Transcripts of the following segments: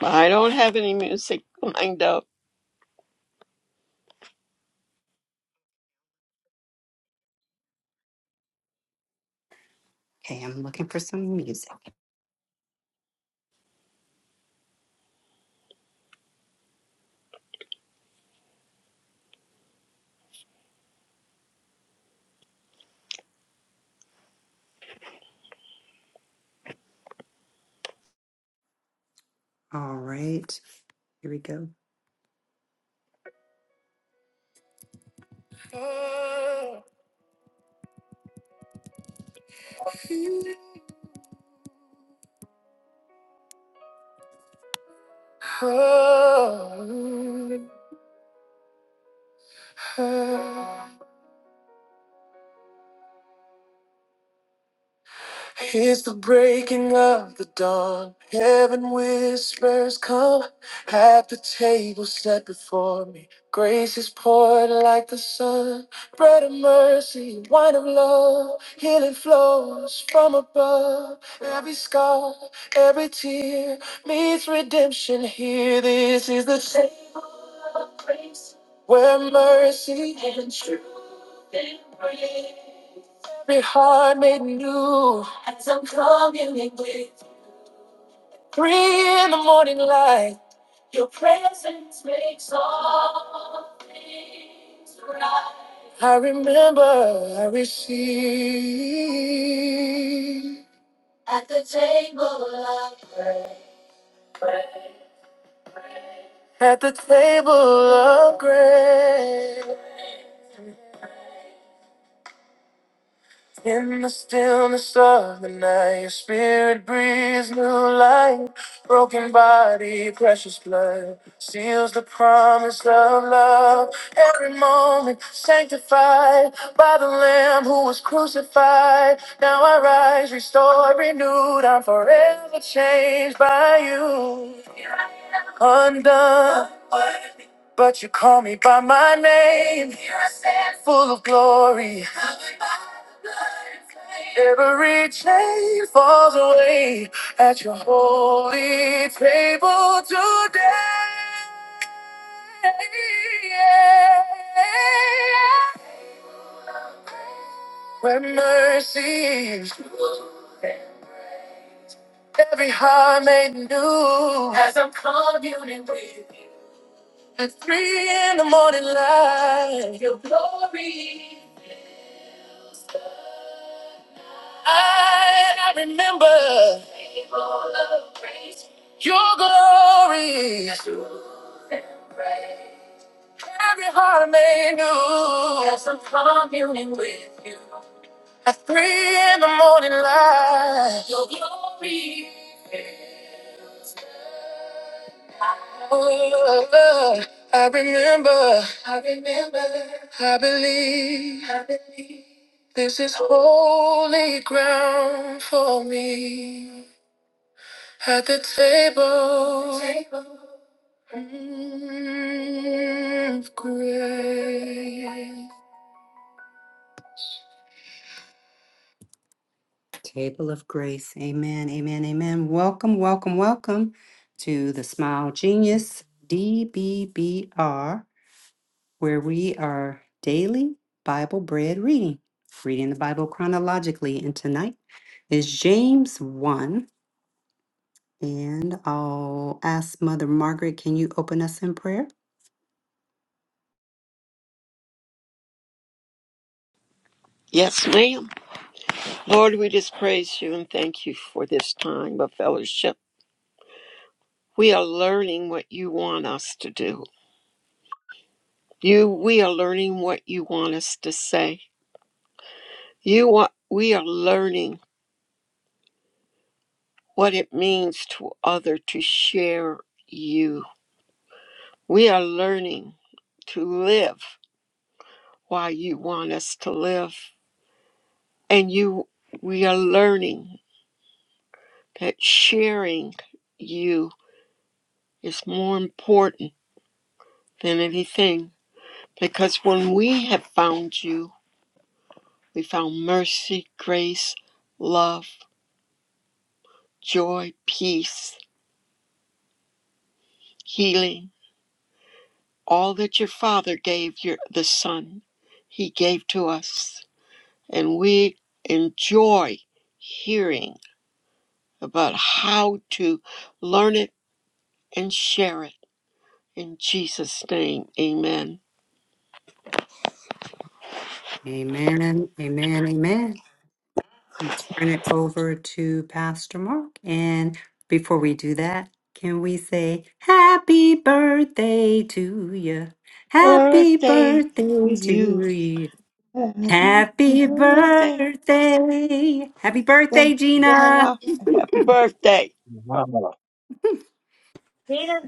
I don't have any music lined up. It's the breaking of the dawn. Heaven whispers, Come. Have the table set before me. Grace is poured like the sun. Bread of mercy, wine of love. Healing flows from above. Every scar, every tear meets redemption here. This is the day where mercy. and truth. Every heart made new. Three in the morning light. I remember I received. At the table of grace. At the table of grace. In the stillness of the night, your spirit breathes new life. Broken body, precious blood, seals the promise of love. Every moment sanctified by the Lamb who was crucified. Now I rise, restored, renewed. I'm forever changed by you. Undone. But you call me by my name, full of glory. Every chain falls away at your holy table today. Where mercies, every heart made new. As At three in the morning light, I, I remember your glory. Every heart made new has some communion with you. At three in the morning light, oh, I remember, I believe, I believe. This is holy ground for me. At the table, mm, of grace. Yes, ma'am. Lord, we just praise you and thank you for this time of fellowship. We are learning what you want us to do. You, we are learning what you want us to say. You are, we are learning what it means to other to share you. We are learning to live why you want us to live, and you, we are learning that sharing you is more important than anything because when we have found you, we found mercy, grace, love, joy, peace, healing, all that your Father gave your, the Son, He gave to us. And we enjoy hearing about how to learn it and share it. In Jesus' name, amen. Birthday to you. Happy birthday. Thank God. Happy birthday. Wow.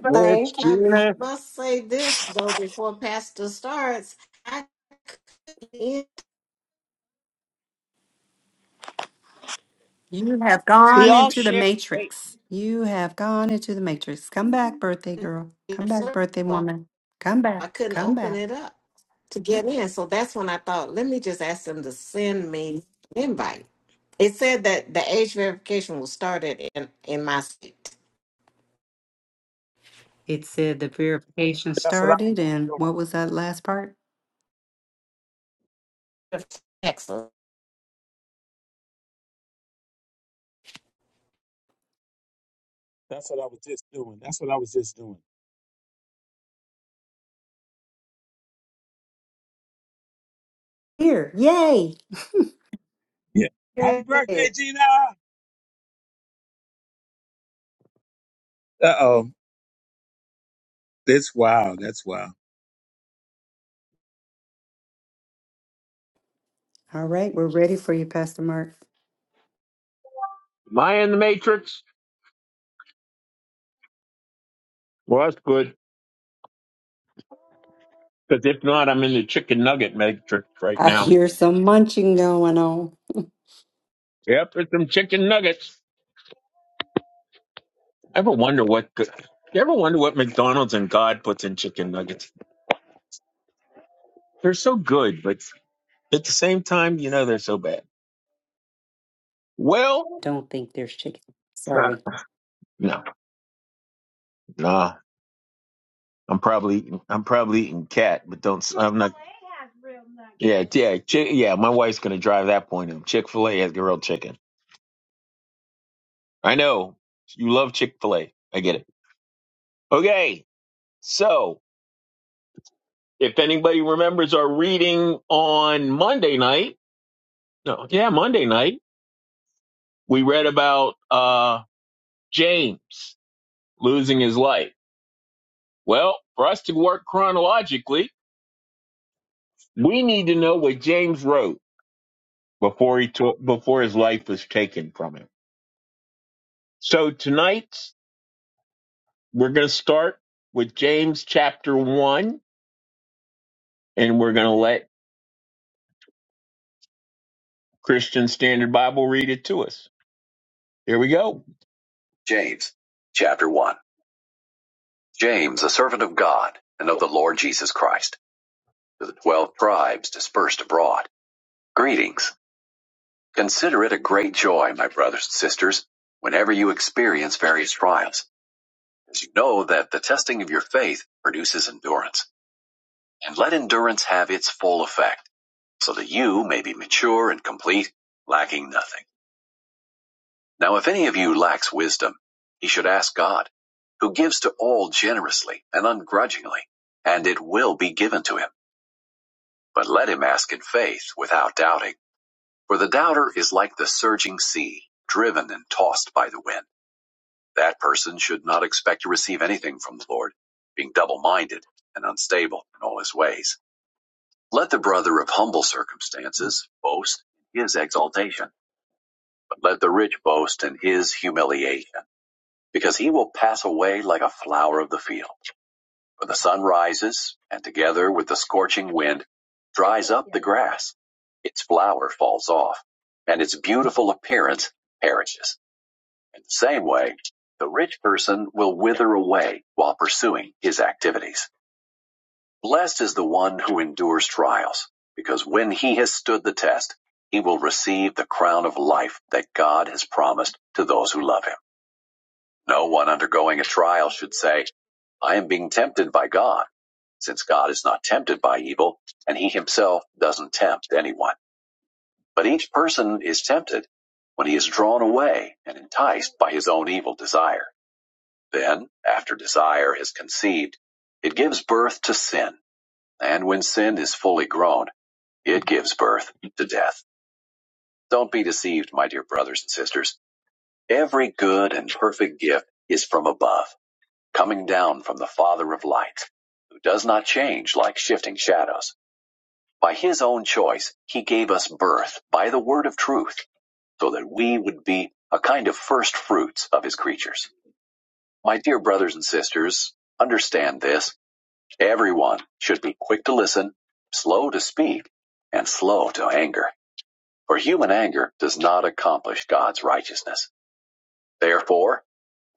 Rich, Thank you. I, I Gina, must say this though before Pastor starts, I couldn't, We all share. Great. I couldn't open it up to get in. So that's when I thought, let me just ask them to send me an invite. It said that the age verification was started in in my state, That's what I was just doing. Texas. That's what I was just doing. That's what I was just doing. Yeah. Happy birthday, Hey, Gina. Uh oh. That's wild. That's wild. am I in the matrix? Well, that's good. Because if not, I'm in the chicken nugget matrix right now. Yep, it's some chicken nuggets. ever wonder what good, you ever wonder what McDonald's and God puts in chicken nuggets? They're so good, but at the same time, you know they're so bad. Well, nah, no, nah. I'm probably I'm probably eating cat, but don't I'm not. Yeah, yeah, chi- yeah. My wife's gonna drive that point home. Chick Fil A has grilled chicken. I know you love Chick fil A. I get it. Okay. So, if anybody remembers our reading on Monday night, no, yeah, Monday night, we read about uh, James losing his life. Well, for us to work chronologically, we need to know what James wrote before he took, before his life was taken from him. So tonight we're going to start with James chapter one, and we're going to let Christian Standard Bible read it to us. Here we go. James, chapter 1. James, a servant of God and of the Lord Jesus Christ, to the twelve tribes dispersed abroad. Greetings. Consider it a great joy, my brothers and sisters, whenever you experience various trials, as you know that the testing of your faith produces endurance. And let endurance have its full effect, so that you may be mature and complete, lacking nothing. Now if any of you lacks wisdom, he should ask God, who gives to all generously and ungrudgingly, and it will be given to him. But let him ask in faith without doubting. For the doubter is like the surging sea, driven and tossed by the wind. That person should not expect to receive anything from the Lord, being double minded and unstable in all his ways. Let the brother of humble circumstances boast in his exaltation, but let the rich boast in his humiliation because he will pass away like a flower of the field. For the sun rises, and together with the scorching wind, dries up the grass. Its flower falls off, and its beautiful appearance perishes. In the same way, the rich person will wither away while pursuing his activities. Blessed is the one who endures trials, because when he has stood the test, he will receive the crown of life that God has promised to those who love him. No one undergoing a trial should say, I am being tempted by God, since God is not tempted by evil, and he himself doesn't tempt anyone. But each person is tempted when he is drawn away and enticed by his own evil desire. Then, after desire has conceived, it gives birth to sin. And when sin is fully grown, it gives birth to death. Don't be deceived, my dear brothers and sisters. Every good and perfect gift is from above coming down from the Father of light, who does not change like shifting shadows. By his own choice, he gave us birth by the word of truth, so that we would be a kind of first fruits of his creatures. My dear brothers and sisters, understand this. Everyone should be quick to listen, slow to speak, and slow to anger, for human anger does not accomplish God's righteousness. Therefore,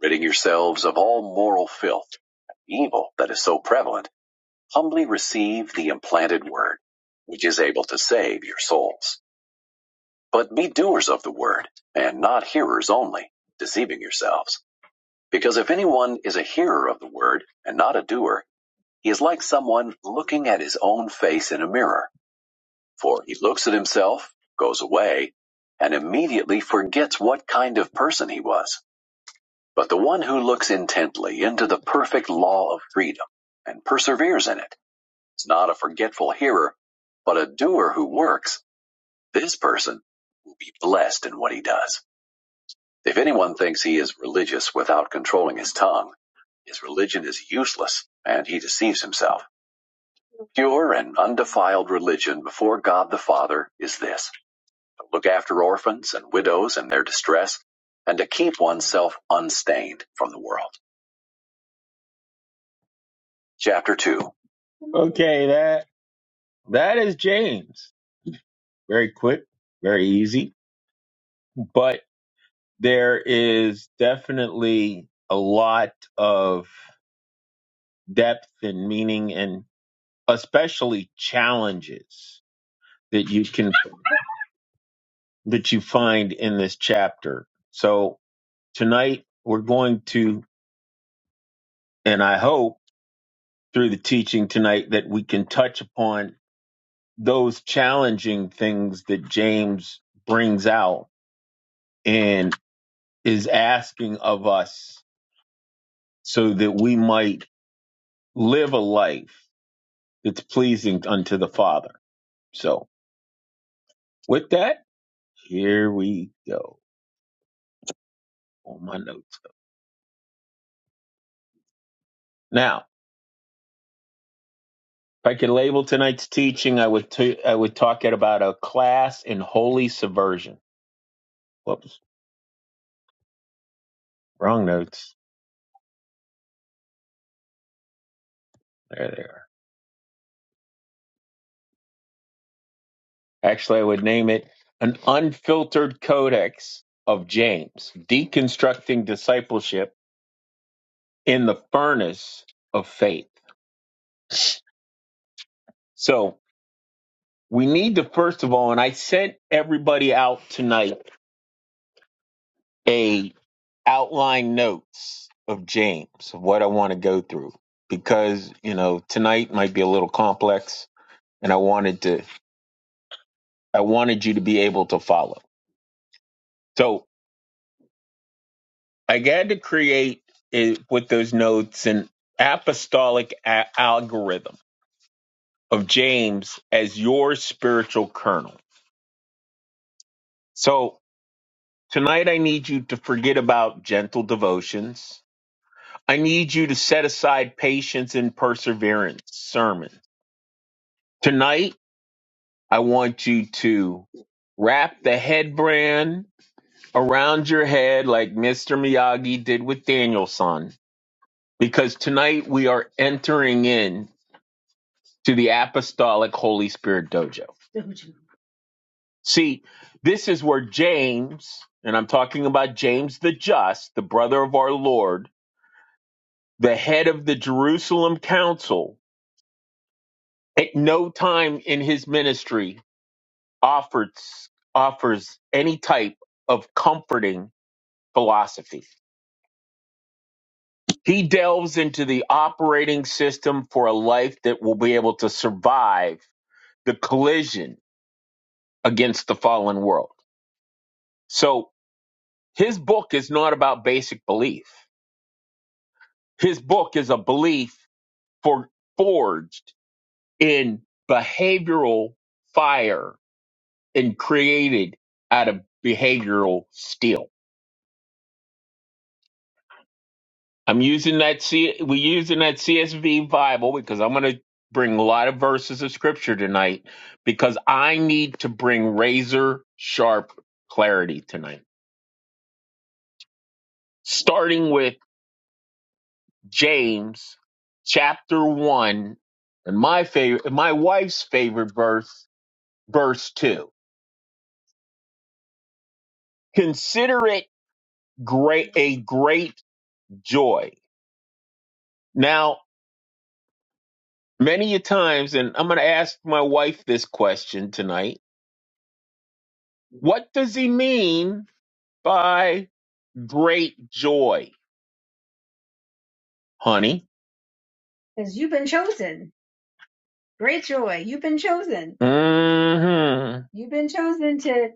ridding yourselves of all moral filth, and evil that is so prevalent, Humbly receive the implanted word, which is able to save your souls. But be doers of the word, and not hearers only, deceiving yourselves. Because if anyone is a hearer of the word, and not a doer, he is like someone looking at his own face in a mirror. For he looks at himself, goes away, and immediately forgets what kind of person he was. But the one who looks intently into the perfect law of freedom, and perseveres in it, It's not a forgetful hearer, but a doer who works. This person will be blessed in what he does. If anyone thinks he is religious without controlling his tongue, his religion is useless, and he deceives himself. Pure and undefiled religion before God the Father is this to look after orphans and widows in their distress, and to keep oneself unstained from the world. Chapter 2 Okay, that that is James. Very quick, very easy. but. there is definitely a lot of depth and meaning and especially challenges that you can that you find in this chapter. So tonight we're going to and I hope through the teaching tonight that we can touch upon those challenging things that James brings out and is asking of us so that we might live a life It's pleasing unto the Father. So with that, here we go on my notes. Now, if I could label tonight's teaching, I would t- I would talk it about a class in holy subversion. Whoops, wrong notes. There they are. Actually, I would name it an unfiltered codex of James, deconstructing discipleship in the furnace of faith. So we need to first of all, and I sent everybody out tonight a. outline notes of James of what I want to go through because you know tonight might be a little complex and I wanted to I wanted you to be able to follow. So I had to create eh, with those notes an apostolic a- algorithm of James as your spiritual kernel. So tonight I need you to forget about gentle devotions. I need you to set aside patience and perseverance sermons. Tonight I want you to wrap the headband around your head like Mr. Miyagi did with Danielson, because tonight we are entering in to the Apostolic Holy Spirit Dojo. See, this is where James, and I'm talking about James the Just, the brother of our Lord, the head of the Jerusalem Council, at no time in his ministry offers offers any type of comforting philosophy He delves into the operating system for a life that will be able to survive the collision against the fallen world. So his book is not about basic belief. His book is a belief for forged in behavioral fire and created out of behavioral steel. I'm using that C we're using that CSV Bible because I'm gonna bring a lot of verses of scripture tonight because I need to bring razor sharp clarity tonight. Starting with James chapter one and my favorite my wife's favorite verse, verse two. Consider it great a great joy. Now, many a times, and I'm gonna ask my wife this question tonight. What does he mean? by great joy, honey. Because you've been chosen. Great joy. You've been chosen. mm hmm You've been chosen to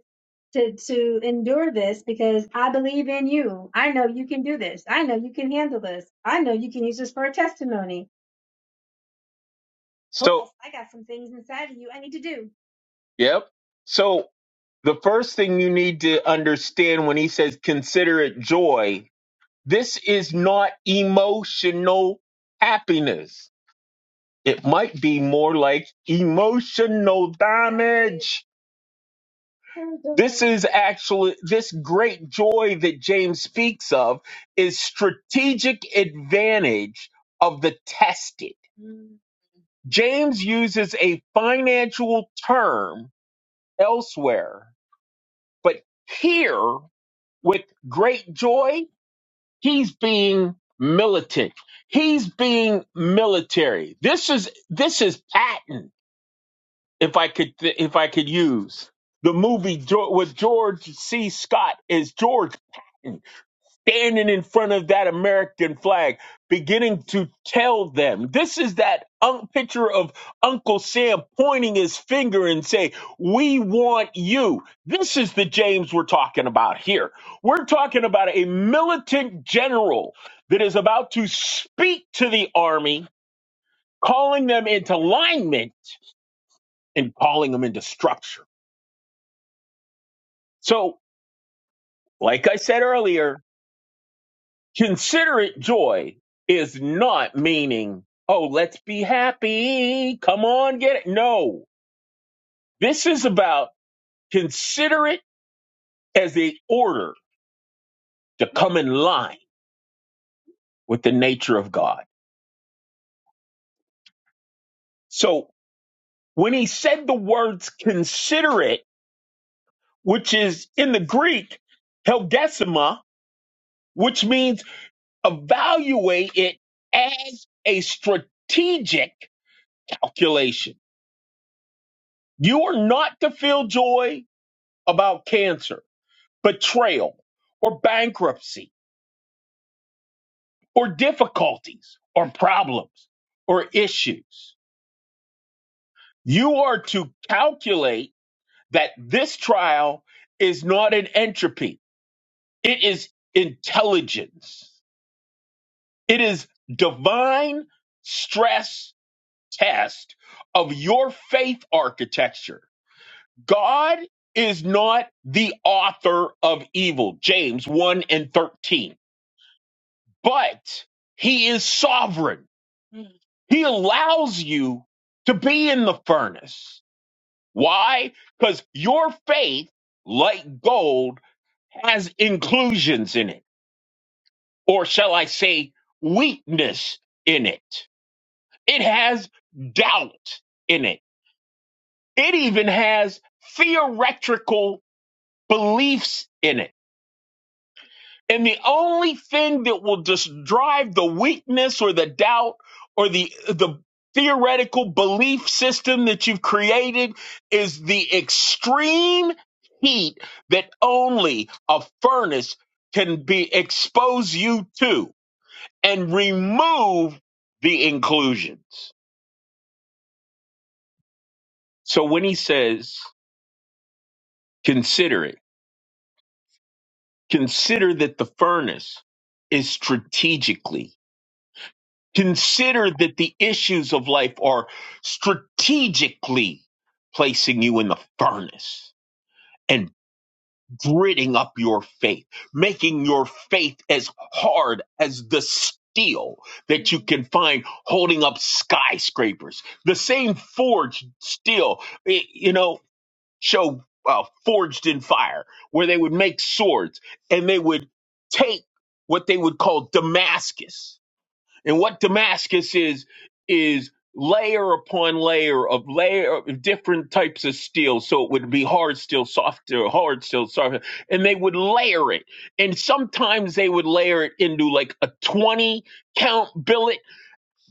to to endure this because I believe in you. I know you can do this. I know you can handle this. I know you can use this for a testimony. Oh So, yes, I got some things inside of you I need to do. yep. So the first thing you need to understand when he says consider it joy, this is not emotional happiness. It might be more like emotional damage. This is actually this great joy that James speaks of is strategic advantage of the tested. James uses a financial term elsewhere, but here with great joy, he's being militant. He's being military. This is this is patent if I could if I could use the movie Jo- with George C. Scott as George Patton standing in front of that American flag, beginning to tell them this is that un- picture of Uncle Sam pointing his finger and say, "We want you." This is the James we're talking about here. We're talking about a militant general that is about to speak to the army, calling them into alignment and calling them into structure So, like I said earlier, considerate joy is not meaning, oh, let's be happy. Come on, get it. No, this is about consider it as a order to come in line with the nature of God. So when he said the words considerate, which is in the Greek, helgesima, which means evaluate it as a strategic calculation You are not to feel joy about cancer, betrayal, or bankruptcy, or difficulties, or problems, or issues. You are to calculate that this trial is not an entropy, it is intelligence. It is divine stress test of your faith architecture God is not the author of evil, James 1 and 13, but he is sovereign. He allows you to be in the furnace. Why? Because your faith, like gold, has inclusions in it, or shall I say, weakness in it. It has doubt in it. It even has theoretical beliefs in it And the only thing that will just drive the weakness or the doubt or the the theoretical belief system that you've created is the extreme heat that only a furnace can be expose you to and remove the inclusions. So when he says consider it, consider that the furnace is strategically Consider that the issues of life are strategically placing you in the furnace and gritting up your faith, making your faith as hard as the steel that you can find holding up skyscrapers. The same forged steel, i- you know, show uh, Forged in Fire, where they would make swords and they would take what they would call Damascus and what Damascus is is layer upon layer of layer of different types of steel. So it would be hard steel, softer, hard steel, softer, and they would layer it. And sometimes they would layer it into like a twenty count billet.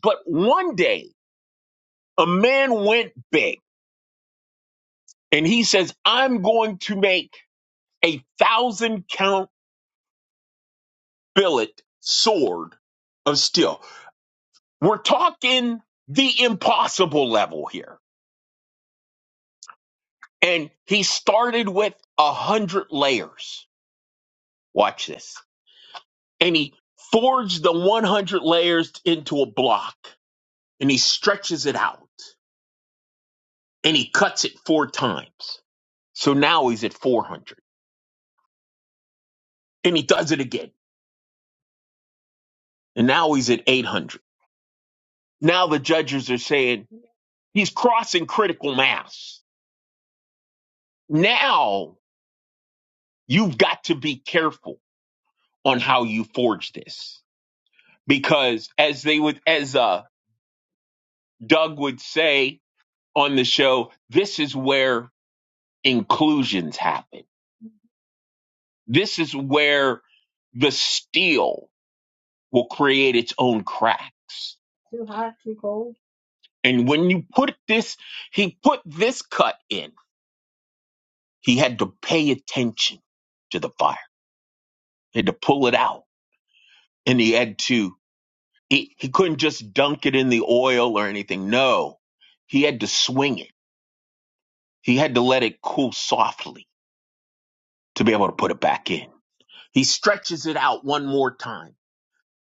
But one day, a man went big, and he says, "I'm going to make a thousand count billet sword of steel." We're talking the impossible level here and he started with a hundred layers. Watch this. And he forged the 100 layers into a block and he stretches it out and he cuts it four times. So now he's at 400 and he does it again. And now he's at 800. Now the judges are saying he's crossing critical mass. Now you've got to be careful on how you forge this because as they would, as, uh, Doug would say, on the show, this is where inclusions happen. This is where the steel will create its own cracks. Too hot, too cold. And when you put this, he put this cut in. He had to pay attention to the fire. He had to pull it out. And he had to, he, he couldn't just dunk it in the oil or anything. No, he had to swing it. He had to let it cool softly to be able to put it back in. He stretches it out one more time.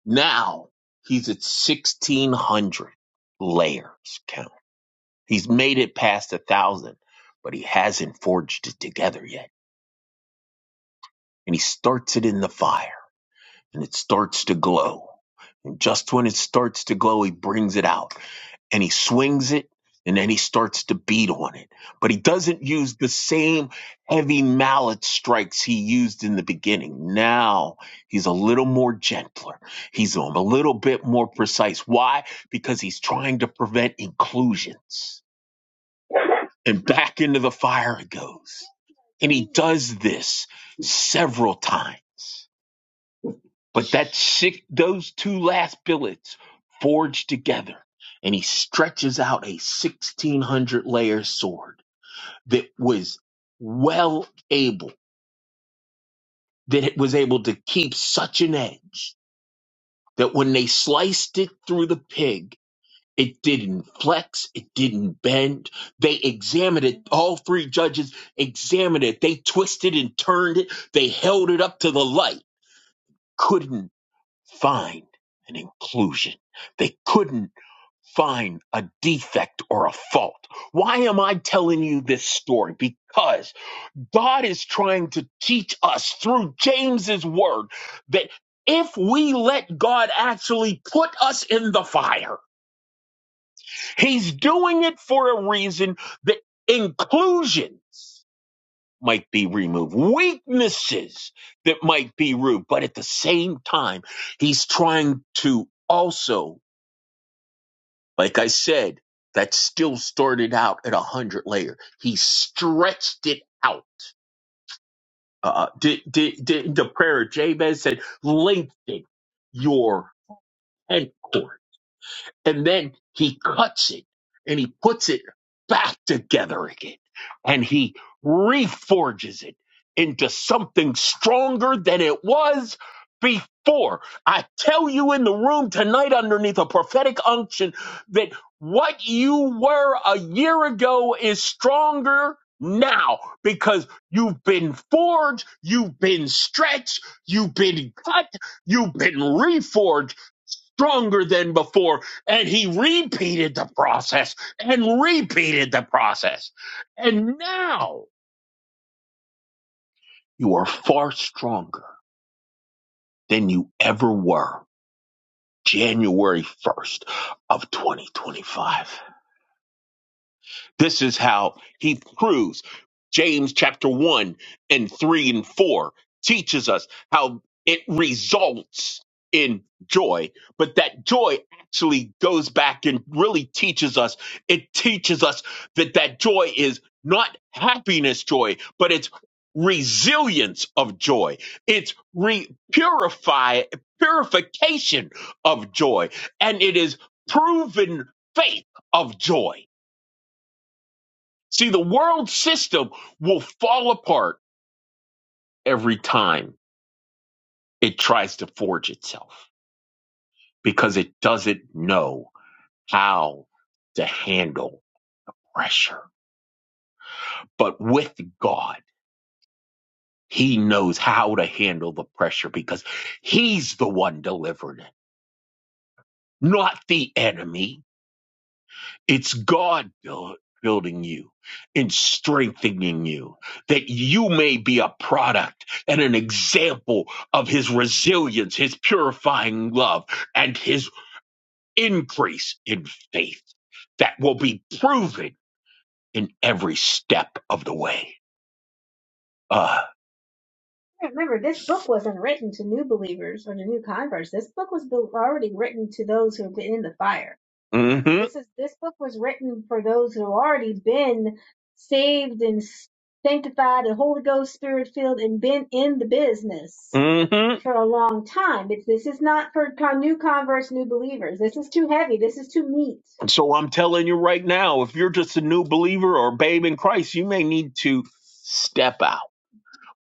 Now he's at 1600 layers count. He's made it past a thousand, but he hasn't forged it together yet. And he starts it in the fire and it starts to glow. And just when it starts to glow, he brings it out and he swings it and then he starts to beat on it. But he doesn't use the same heavy mallet strikes he used in the beginning. Now he's a little more gentler. He's um, a little bit more precise. Why? Because he's trying to prevent inclusions. And back into the fire it goes. And he does this several times. But that six, those two last billets forged together, and he stretches out a 1600 layer sword that was well able, that it was able to keep such an edge that when they sliced it through the pig, it didn't flex, it didn't bend. They examined it, all three judges examined it. They twisted and turned it, they held it up to the light, couldn't find an inclusion. They couldn't find a defect or a fault. Why am I telling you this story? Because God is trying to teach us through James's word that if we let God actually put us in the fire, he's doing it for a reason that inclusions might be removed, weaknesses that might be removed, but at the same time, he's trying to also Like I said, that still started out at a hundred layer. He stretched it out. Uh, uh, did, did, did the prayer of Jabez said, lengthen your tent cord and then he cuts it and he puts it back together again and he reforges it into something stronger than it was before. I tell you in the room tonight, underneath a prophetic unction, that what you were a year ago is stronger. Now, because you've been forged, you've been stretched, you've been cut, you've been reforged stronger than before. And he repeated the process and repeated the process. And now you are far stronger than you ever were January 1st of 2025. This is how he proves James chapter 1 and 3 and 4 teaches us how it results in joy, but that joy actually goes back and really teaches us. It teaches us that that joy is not happiness joy, but it's resilience of joy. It's re- purify purification of joy and it is proven faith of joy See, the world system will fall apart every time it tries to forge itself because it doesn't know how to handle pressure. But with God, He knows how to handle the pressure because He's the one delivering it, not the enemy It's God build, building you and strengthening you that you may be a product and an example of his resilience, his purifying love, and his increase in faith that will be proven in every step of the way. Ah, Remember, this book wasn't written to new believers or to new converts. This book was built, already written to those who have been in the fire. hmm This is this book was written for those who have already been saved and sanctified and Holy Ghost Spirit filled and been in the business hmm for a long time. It's, this is not for con- new converts, new believers. This is too heavy. This is too meat. So I'm telling you right now, if you're just a new believer or a babe in Christ, you may need to step out.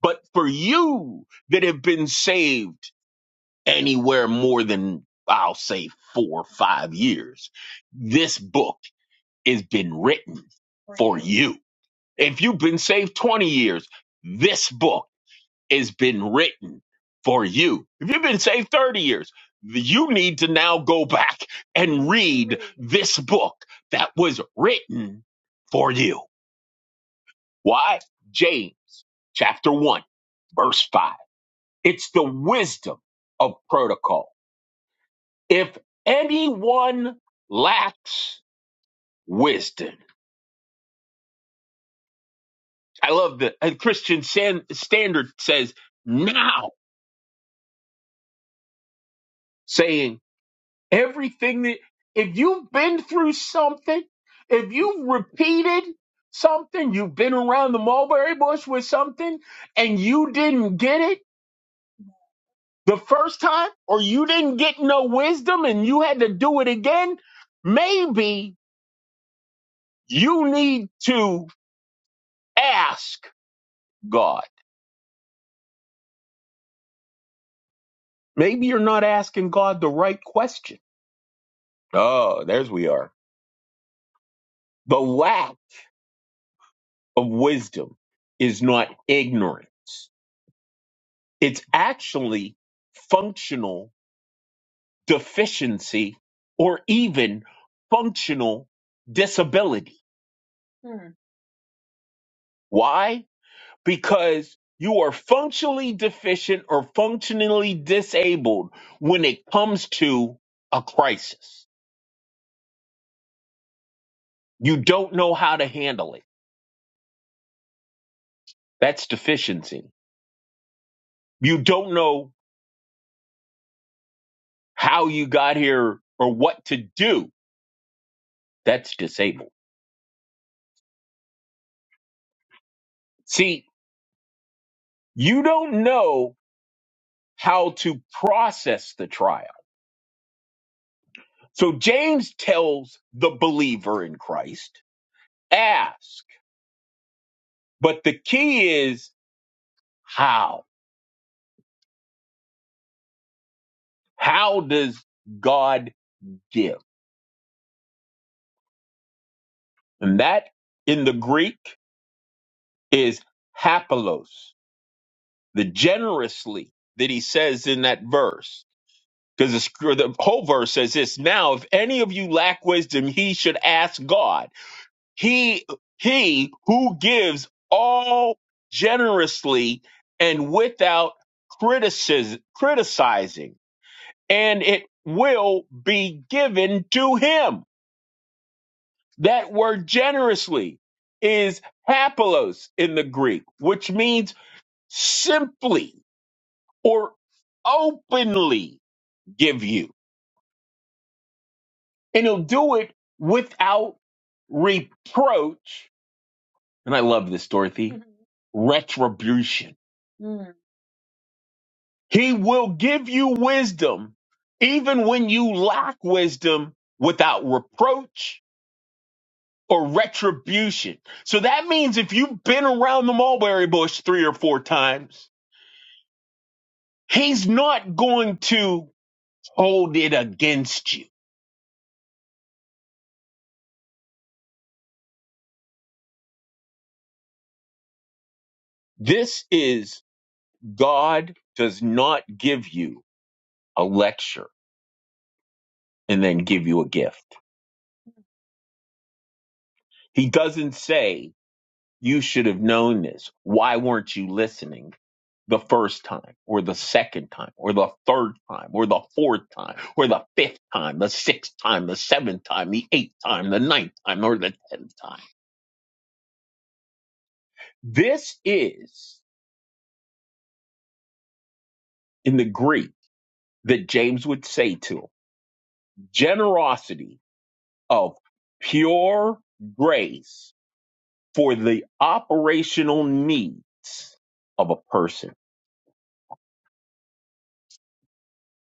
But for you that have been saved anywhere more than, I'll say, four or five years, this book has been written for you. If you've been saved 20 years, this book has been written for you. If you've been saved 30 years, you need to now go back and read this book that was written for you. Why? James chapter 1, verse 5 It's the wisdom of protocol. If anyone lacks wisdom, I love the and Christian San, Standard says now, saying everything that if you've been through something, if you've repeated something, you've been around the mulberry bush with something, and you didn't get it the first time, or you didn't get no wisdom and you had to do it again, maybe you need to ask God. Maybe you're not asking God the right question. Oh, there's we are. The lack of wisdom is not ignorance. It's actually functional deficiency or even functional disability. Hmm. Why? Because you are functionally deficient or functionally disabled when it comes to a crisis. You don't know how to handle it That's deficiency. You don't know how you got here or what to do. That's disabled. See, you don't know how to process the trial. So James tells the believer in Christ, ask. But the key is how. How does God give? And that in the Greek is hapalos, the generously that he says in that verse Because the, scr- the whole verse says this now, if any of you lack wisdom, he should ask God. He, he who gives all generously and without criticism, criticizing, and it will be given to him. That word generously is hapelos in the Greek, which means simply or openly give you. and he'll do it without reproach. And I love this, Dorothy. Mhm. Retribution. Mm. He will give you wisdom even when you lack wisdom without reproach or retribution. So that means if you've been around the mulberry bush three or four times, he's not going to hold it against you. This is God does not give you a lecture. and then give you a gift. He doesn't say, You should have known this. Why weren't you listening the first time, or the second time, or the third time, or the fourth time, or the fifth time, the sixth time, the seventh time, the eighth time, the ninth time, or the tenth time? This is, in the Greek, that James would say to him, generosity of pure grace for the operational needs of a person.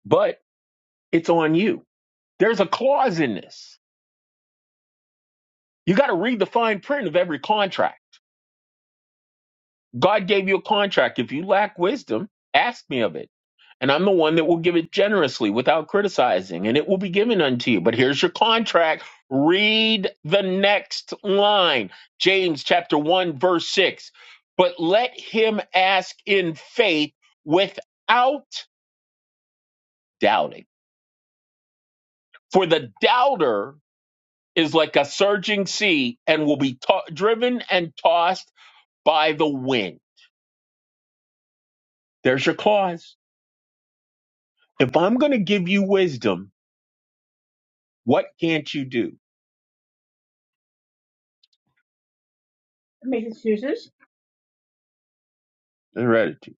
But it's on you. There's a clause in this. You got to read the fine print of every contract. God gave you a contract. If you lack wisdom, ask me of it. And I'm the one that will give it generously without criticizing, and it will be given unto you. But here's your contract. Read the next line. James chapter 1, verse 6. But let him ask in faith without doubting. For the doubter is like a surging sea and will be to- driven and tossed by the wind. There's your clause. If I'm going to give you wisdom, what can't you do? Make excuses. Heredity.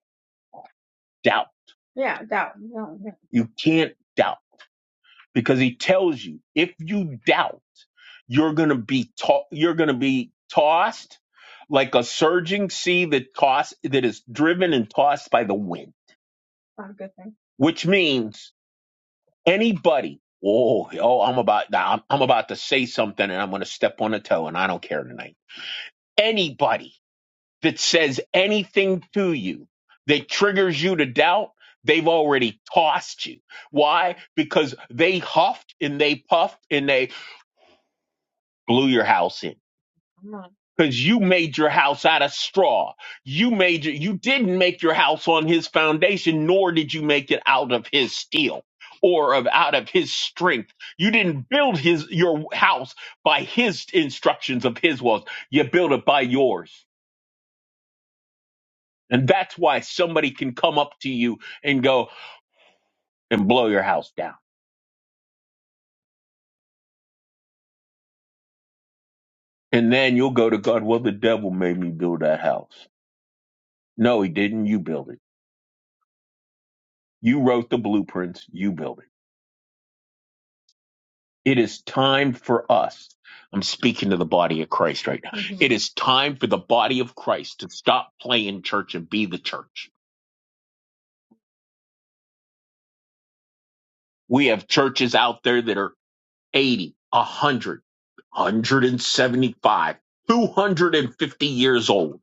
Doubt. Yeah, doubt. No, yeah. You can't doubt because he tells you if you doubt, you're going to be to- you're going to be tossed like a surging sea that toss that is driven and tossed by the wind, Not a good thing. which means Anybody. Oh, oh, I'm about now. I'm, I'm about to say something, and I'm going to step on a toe, and I don't care tonight. Anybody that says anything to you that triggers you to doubt, they've already tossed you. Why? Because they huffed and they puffed and they blew your house in because you made your house out of straw. You made your, you didn't make your house on his foundation, nor did you make it out of his steel or of out of his strength. You didn't build his your house by his instructions of his walls. You built it by yours. And that's why somebody can come up to you and go and blow your house down. And then you'll go to God, well, the devil made me build that house. No, he didn't. You build it. You wrote the blueprints. You build it. It is time for us. I'm speaking to the body of Christ right now. Mhm. It is time for the body of Christ to stop playing church and be the church. We have churches out there that are 80, 100, 175, 250 years old,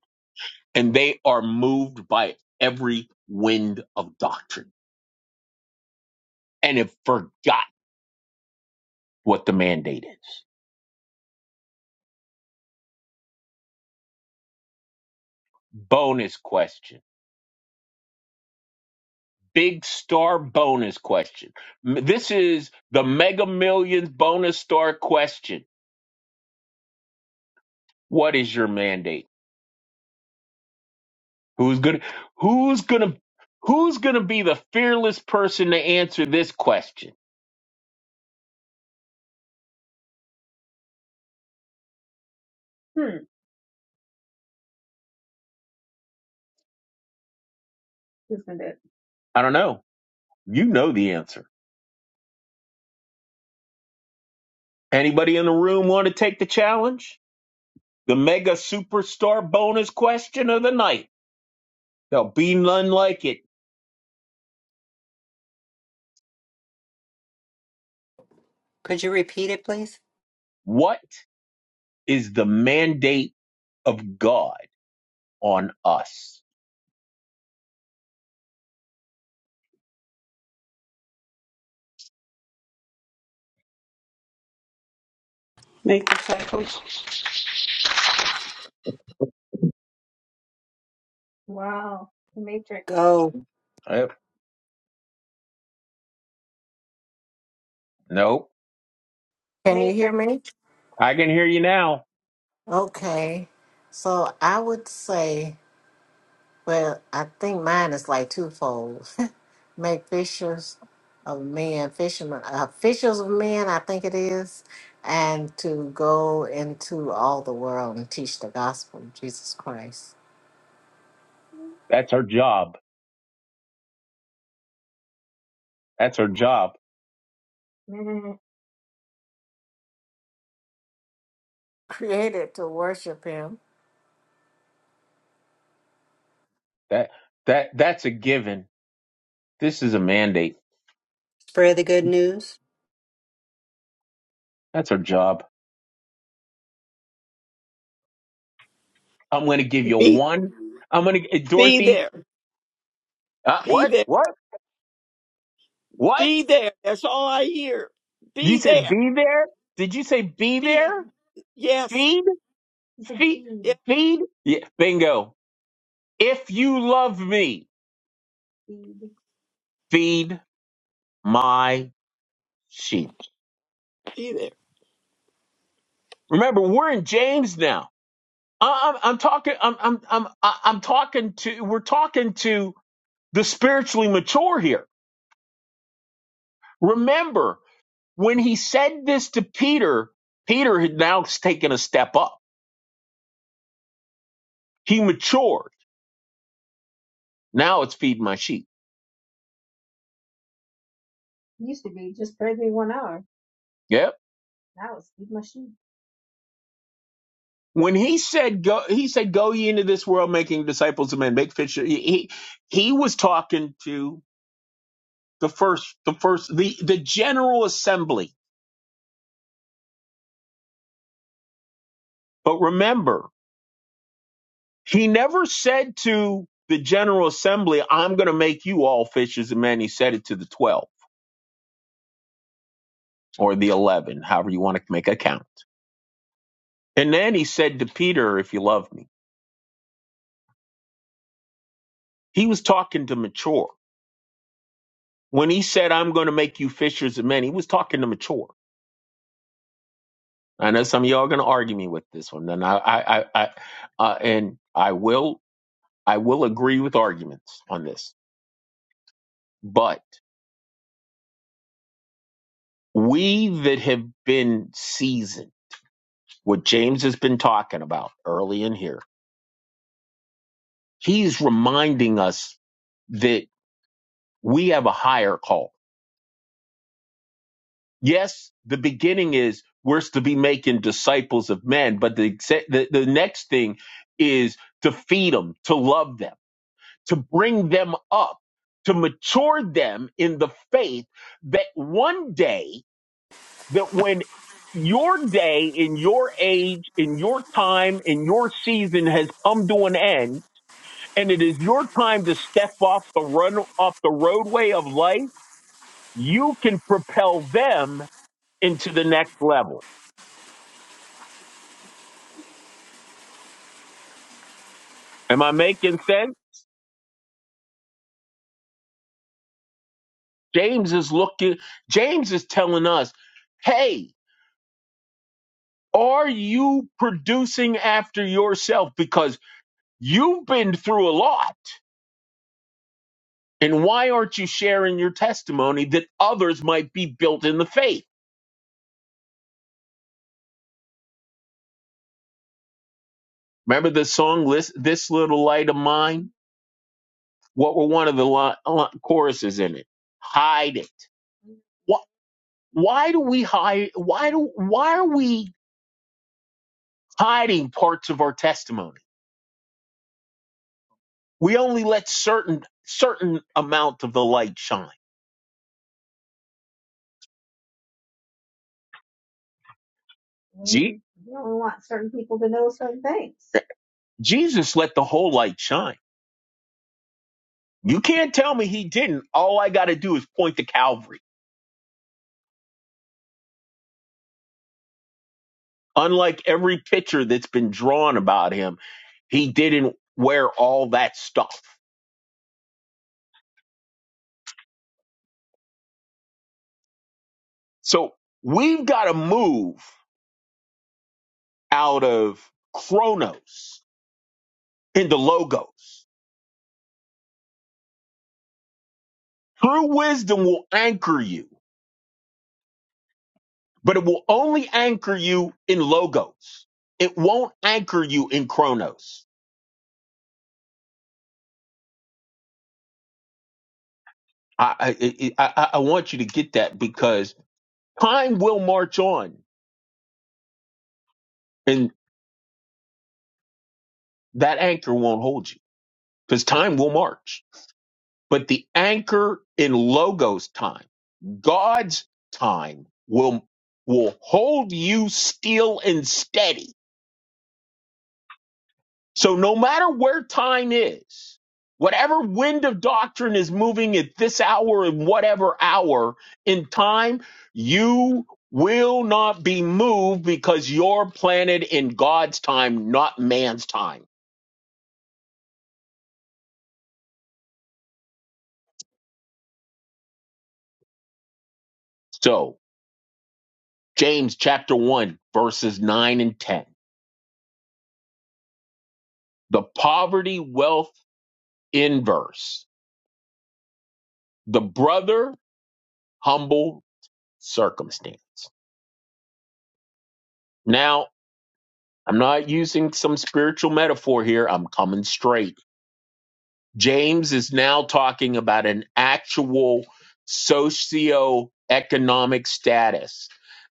and they are moved by every wind of doctrine and have forgot what the mandate is. Bonus question big star bonus question. M- This is the Mega Millions bonus star question. What is your mandate? Who's gonna who's gonna who's gonna be the fearless person to answer this question? Hmm. Who's gonna do it? I don't know. You know the answer. Anybody in the room want to take the challenge? The mega superstar bonus question of the night. There'll be none like it. What is the mandate of God on us? Make disciples Wow. Matrix. Uh, nope. Can you hear Matrix. me? I can hear you now. Okay. So I would say, well, I think mine is like twofold. make fishers of men, fishermen, uh, fishers of men, I think it is, and to go into all the world and teach the gospel of Jesus Christ. That's her job. That's her job. Mhm. Created to worship him. That that that's a given. This is a mandate. That's her job. I'm going to give you Be one. I'm going to be Dorothy. there. Uh, Be what? there. What? What? Be there. That's all I hear. You Be said there. be there. Did you say be there? Be yes. Feed, feed, Feed. Yes. feed. Yeah, bingo. If you love me, Feed. feed. my sheep. Be there. Remember, we're in James now. I- I'm, I'm talking. I'm, I'm, I'm, I- I'm talking to. We're talking to the spiritually mature here. Remember when he said this to Peter. Peter had now taken a step up. He matured. Now it's feed my sheep. used to be just pray me one hour. Yep. Now it's feed my sheep. When he said go, he said go ye into this world, making disciples of men, make fish. He he he was talking to the first the first the the general assembly but remember he never said to the general assembly i'm going to make you all fishers of men he said it to the 12 or the 11 however you want to make a count and then he said to peter if you love me he was talking to mature when he said i'm going to make you fishers of men he was talking to mature i know some of y'all are going to argue me with this one and i i i, I uh, and i will i will agree with arguments on this but We that have been seasoned, what James has been talking about early in here, he's reminding us that we have a higher call. Yes, the beginning is we're to be making disciples of men, but the, exe- the, the next thing is to feed them, to love them, to bring them up, to mature them in the faith that one day that when your day in your age, in your time, in your season has come to an end, and it is your time to step off the run off the roadway of life, you can propel them into the next level. Am I making sense? James is looking James is telling us, hey, are you producing after yourself? Because you've been through a lot And why aren't you sharing your testimony that others might be built in the faith? Remember the song "Lis- This Little Light of Mine? What were one of the li- li- choruses in it? Hide it. Why, why do we hide? Why do why are we hiding parts of our testimony? We only let certain certain amount of the light shine. See, We only want certain people to know certain things. Jesus let the whole light shine. You can't tell me he didn't. All I got to do is point to Calvary. Unlike every picture that's been drawn about him, he didn't wear all that stuff. So we've got to move out of chronos into logos. True wisdom will anchor you, but it will only anchor you in logos. It won't anchor you in chronos. I, I, I, I I want you to get that because time will march on and that anchor won't hold you because time will march. But the anchor in logos time, God's time will will hold you still and steady. So no matter where time is, whatever wind of doctrine is moving at this hour and whatever hour in time, you will not be moved because you're planted in God's time, not man's time. So James chapter 1, verses 9 and 10. The poverty, wealth, inverse the brother humble circumstance now i'm not using some spiritual metaphor here i'm coming straight james is now talking about an actual socio-economic status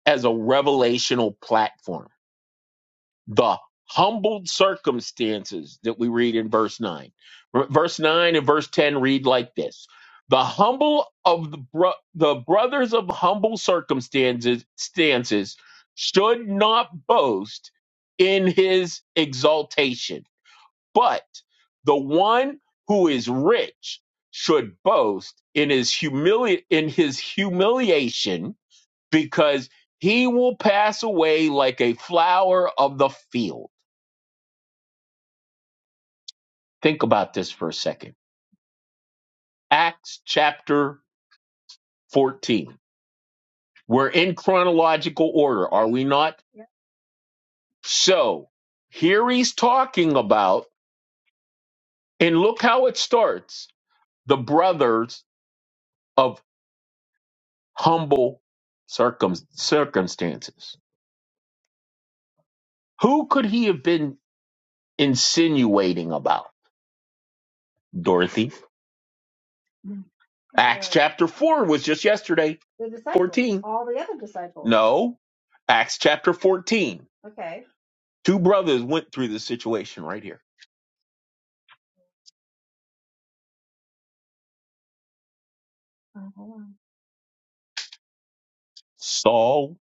as a revelational platform the humbled circumstances that we read in verse 9. R- Verse 9 and verse 10 read like this The humble of the, bro- the brothers of humble circumstances stances should not boast in his exaltation, but the one who is rich should boast in his humili- in his humiliation because he will pass away like a flower of the field Think about this for a second. Acts chapter 14. We're in chronological order, are we not? Yep. So here he's talking about, and look how it starts the brothers of humble circum- circumstances. Who could he have been insinuating about, Dorothy? Acts chapter 4 was just yesterday, the disciples, 14. all the other disciples. No, Acts chapter 14. Okay. Two brothers went through this situation right here Saul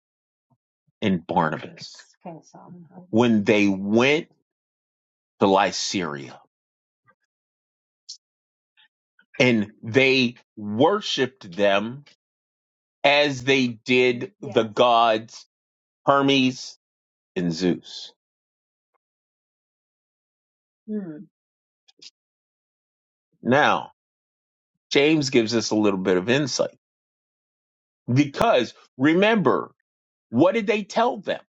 and Barnabas. When they went to Lycaria and they worshiped them as they did the gods Hermes and Zeus. Now, James gives us a little bit of insight because remember, what did they tell them?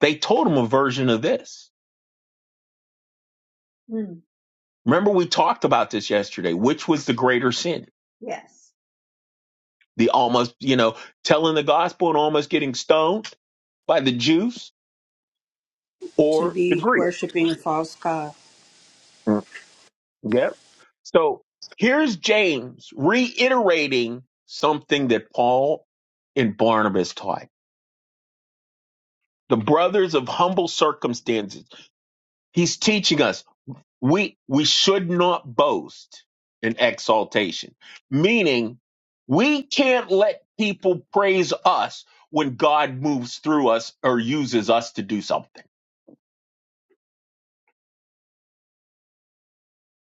They told them a version of this. Remember, we talked about this yesterday. Which was the greater sin? Yes. The almost, you know, telling the gospel and almost getting stoned by the Jews to or the be Greeks. worshiping a false God. Mm, Yep. So here's James reiterating something that Paul and Barnabas taught the brothers of humble circumstances. He's teaching us we we should not boast in exaltation meaning we can't let people praise us when god moves through us or uses us to do something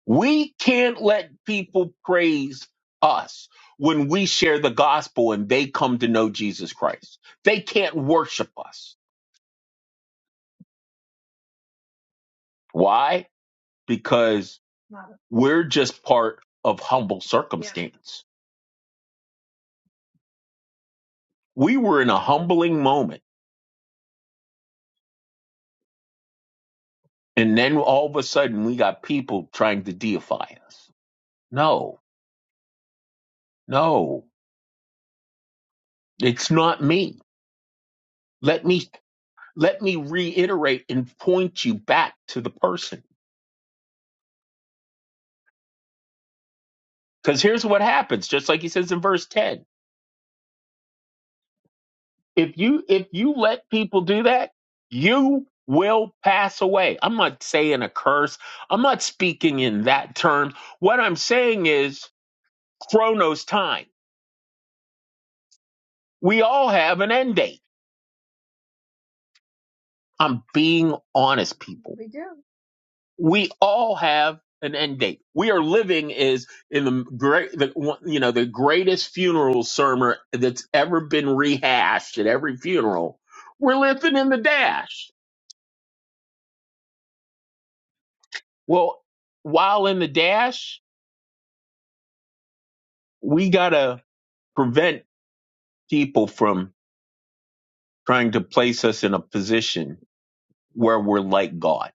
we can't let people praise us when we share the gospel and they come to know jesus christ they can't worship us why because we're just part of humble circumstance we were in a humbling moment And then all of a sudden we got people trying to deify us. No, no, it's not me. Let me let me reiterate and point you back to the person. Because here's what happens, just like he says in verse 10. If you if you let people do that, you will pass away. I'm not saying a curse. I'm not speaking in that term. What I'm saying is chronos time. We all have an end date. I'm being honest, people. We do. we all have an end date. We are living is in the great, the, one- you know, the greatest funeral sermon that's ever been rehashed at every funeral. We're living in the dash. Well, while in the dash, we gotta prevent people from trying to place us in a position where we're like God.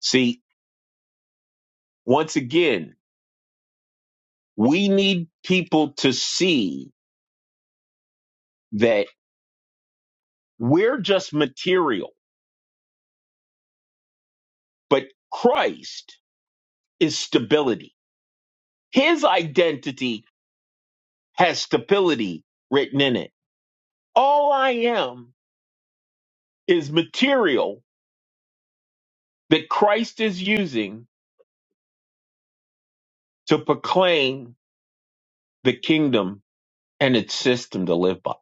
See, once again, we need people to see that we're just material, but Christ is stability. His identity has stability written in it. All I am is material that Christ is using to proclaim the kingdom and its system to live by.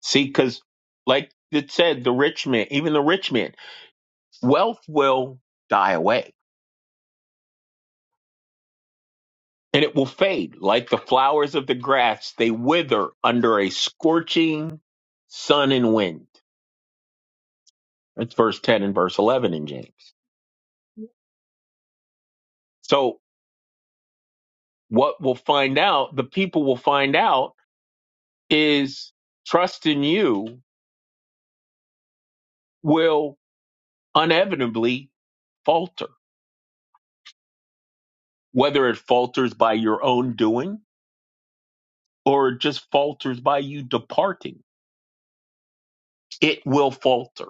See, because like it said, the rich man, even the rich man, wealth will die away and it will fade like the flowers of the grass. They wither under a scorching sun and wind. That's verse 10 and verse 11 in James. So what we'll find out, the people will find out is trust in you will inevitably falter, whether it falters by your own doing or it just falters by you departing. It will falter.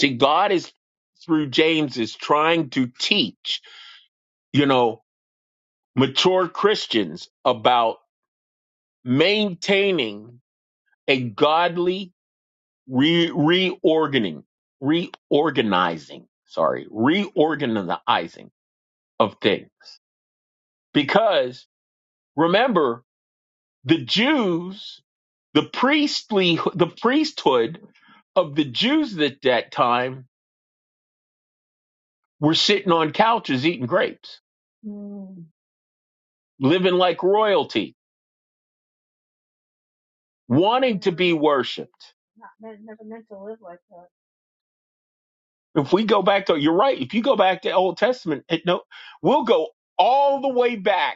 See, God is through James is trying to teach, you know, mature Christians about maintaining a godly re- reorganing, reorganizing, sorry, reorganizing of things. Because remember, the Jews, the priestly, the priesthood of the Jews at that time were sitting on couches eating grapes, Mm. living like royalty, wanting to be worshipped. Not meant. Never meant to live like that. If we go back to, you're right. If you go back to Old Testament, it, no, we'll go all the way back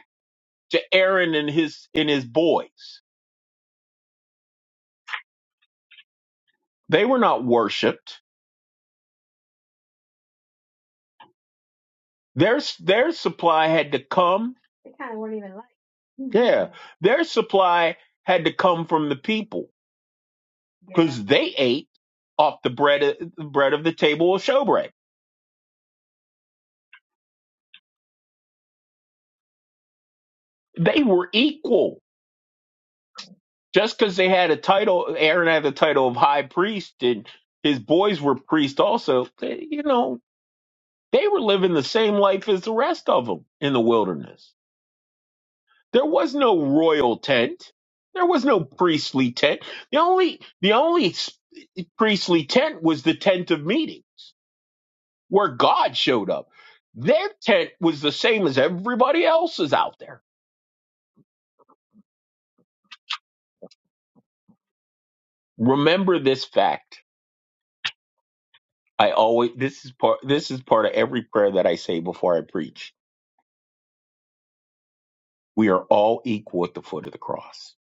to Aaron and his and his boys. They were not worshipped. Their their supply had to come. They kind of weren't even like. Yeah, their supply had to come from the people because yeah. they ate off the bread of, bread of the table of showbread. They were equal. Just because they had a title, Aaron had the title of high priest, and his boys were priests also. they- you know, they were living the same life as the rest of them in the wilderness There was no royal tent. There was no priestly tent. The only the only s- priestly tent was the tent of meeting where God showed up. Their tent was the same as everybody else's out there. Remember this fact. I always this is part this is part of every prayer that I say before I preach. We are all equal at the foot of the cross.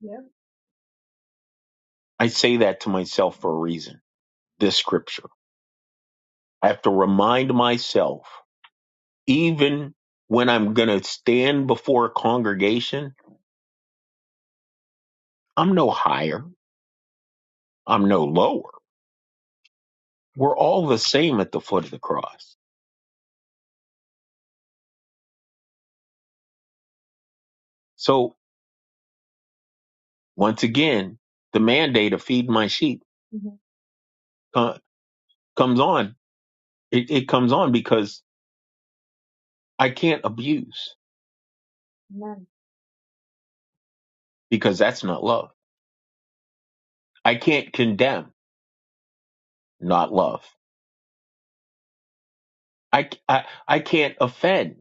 Yeah. I say that to myself for a reason. This scripture. I have to remind myself even when I'm going to stand before a congregation, I'm no higher, I'm no lower. We're all the same at the foot of the cross. So, once again, the mandate of feed my sheep Mhm. uh, comes on. It, it comes on because I can't abuse, Amen. because that's not love. I can't condemn, not love. I, I, I can't offend,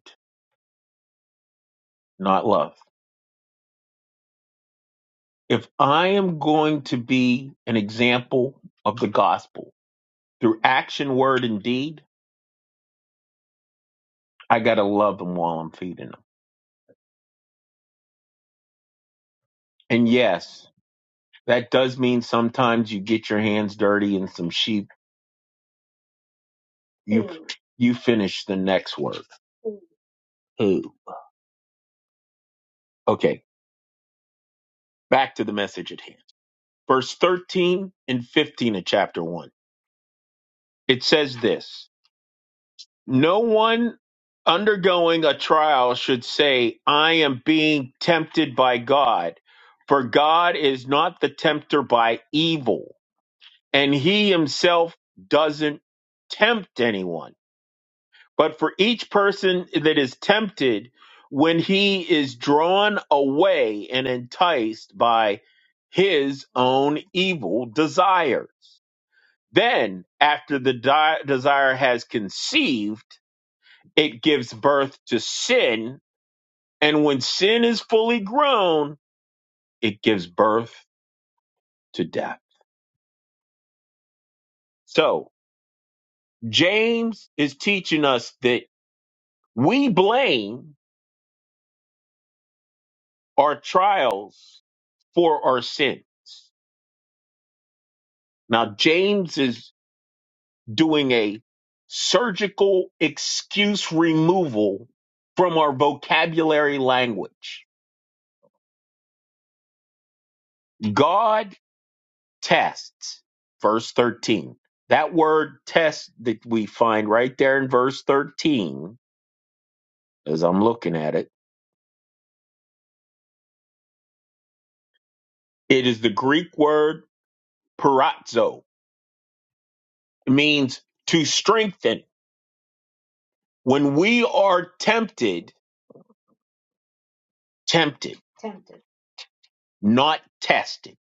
not love. If I am going to be an example of the gospel, through action, word, and deed, I got to love them while I'm feeding them. And yes, that does mean sometimes you get your hands dirty and some sheep. You Mm. you finish the next word. Mm. Who? Okay, back to the message at hand. Verse 13 and 15 of chapter 1. It says this No one undergoing a trial should say, I am being tempted by God, for God is not the tempter by evil and he himself doesn't tempt anyone. But for each person that is tempted, when he is drawn away and enticed by his own evil desire, then after the di- desire has conceived, it gives birth to sin. And when sin is fully grown, it gives birth to death. So James is teaching us that we blame are trials for our sins. Now, James is doing a surgical excuse removal from our vocabulary language. God tests, verse 13. That word test that we find right there in verse 13, as I'm looking at it, it is the Greek word "perazzo," It means to strengthen. When we are tempted, tempted. not testing.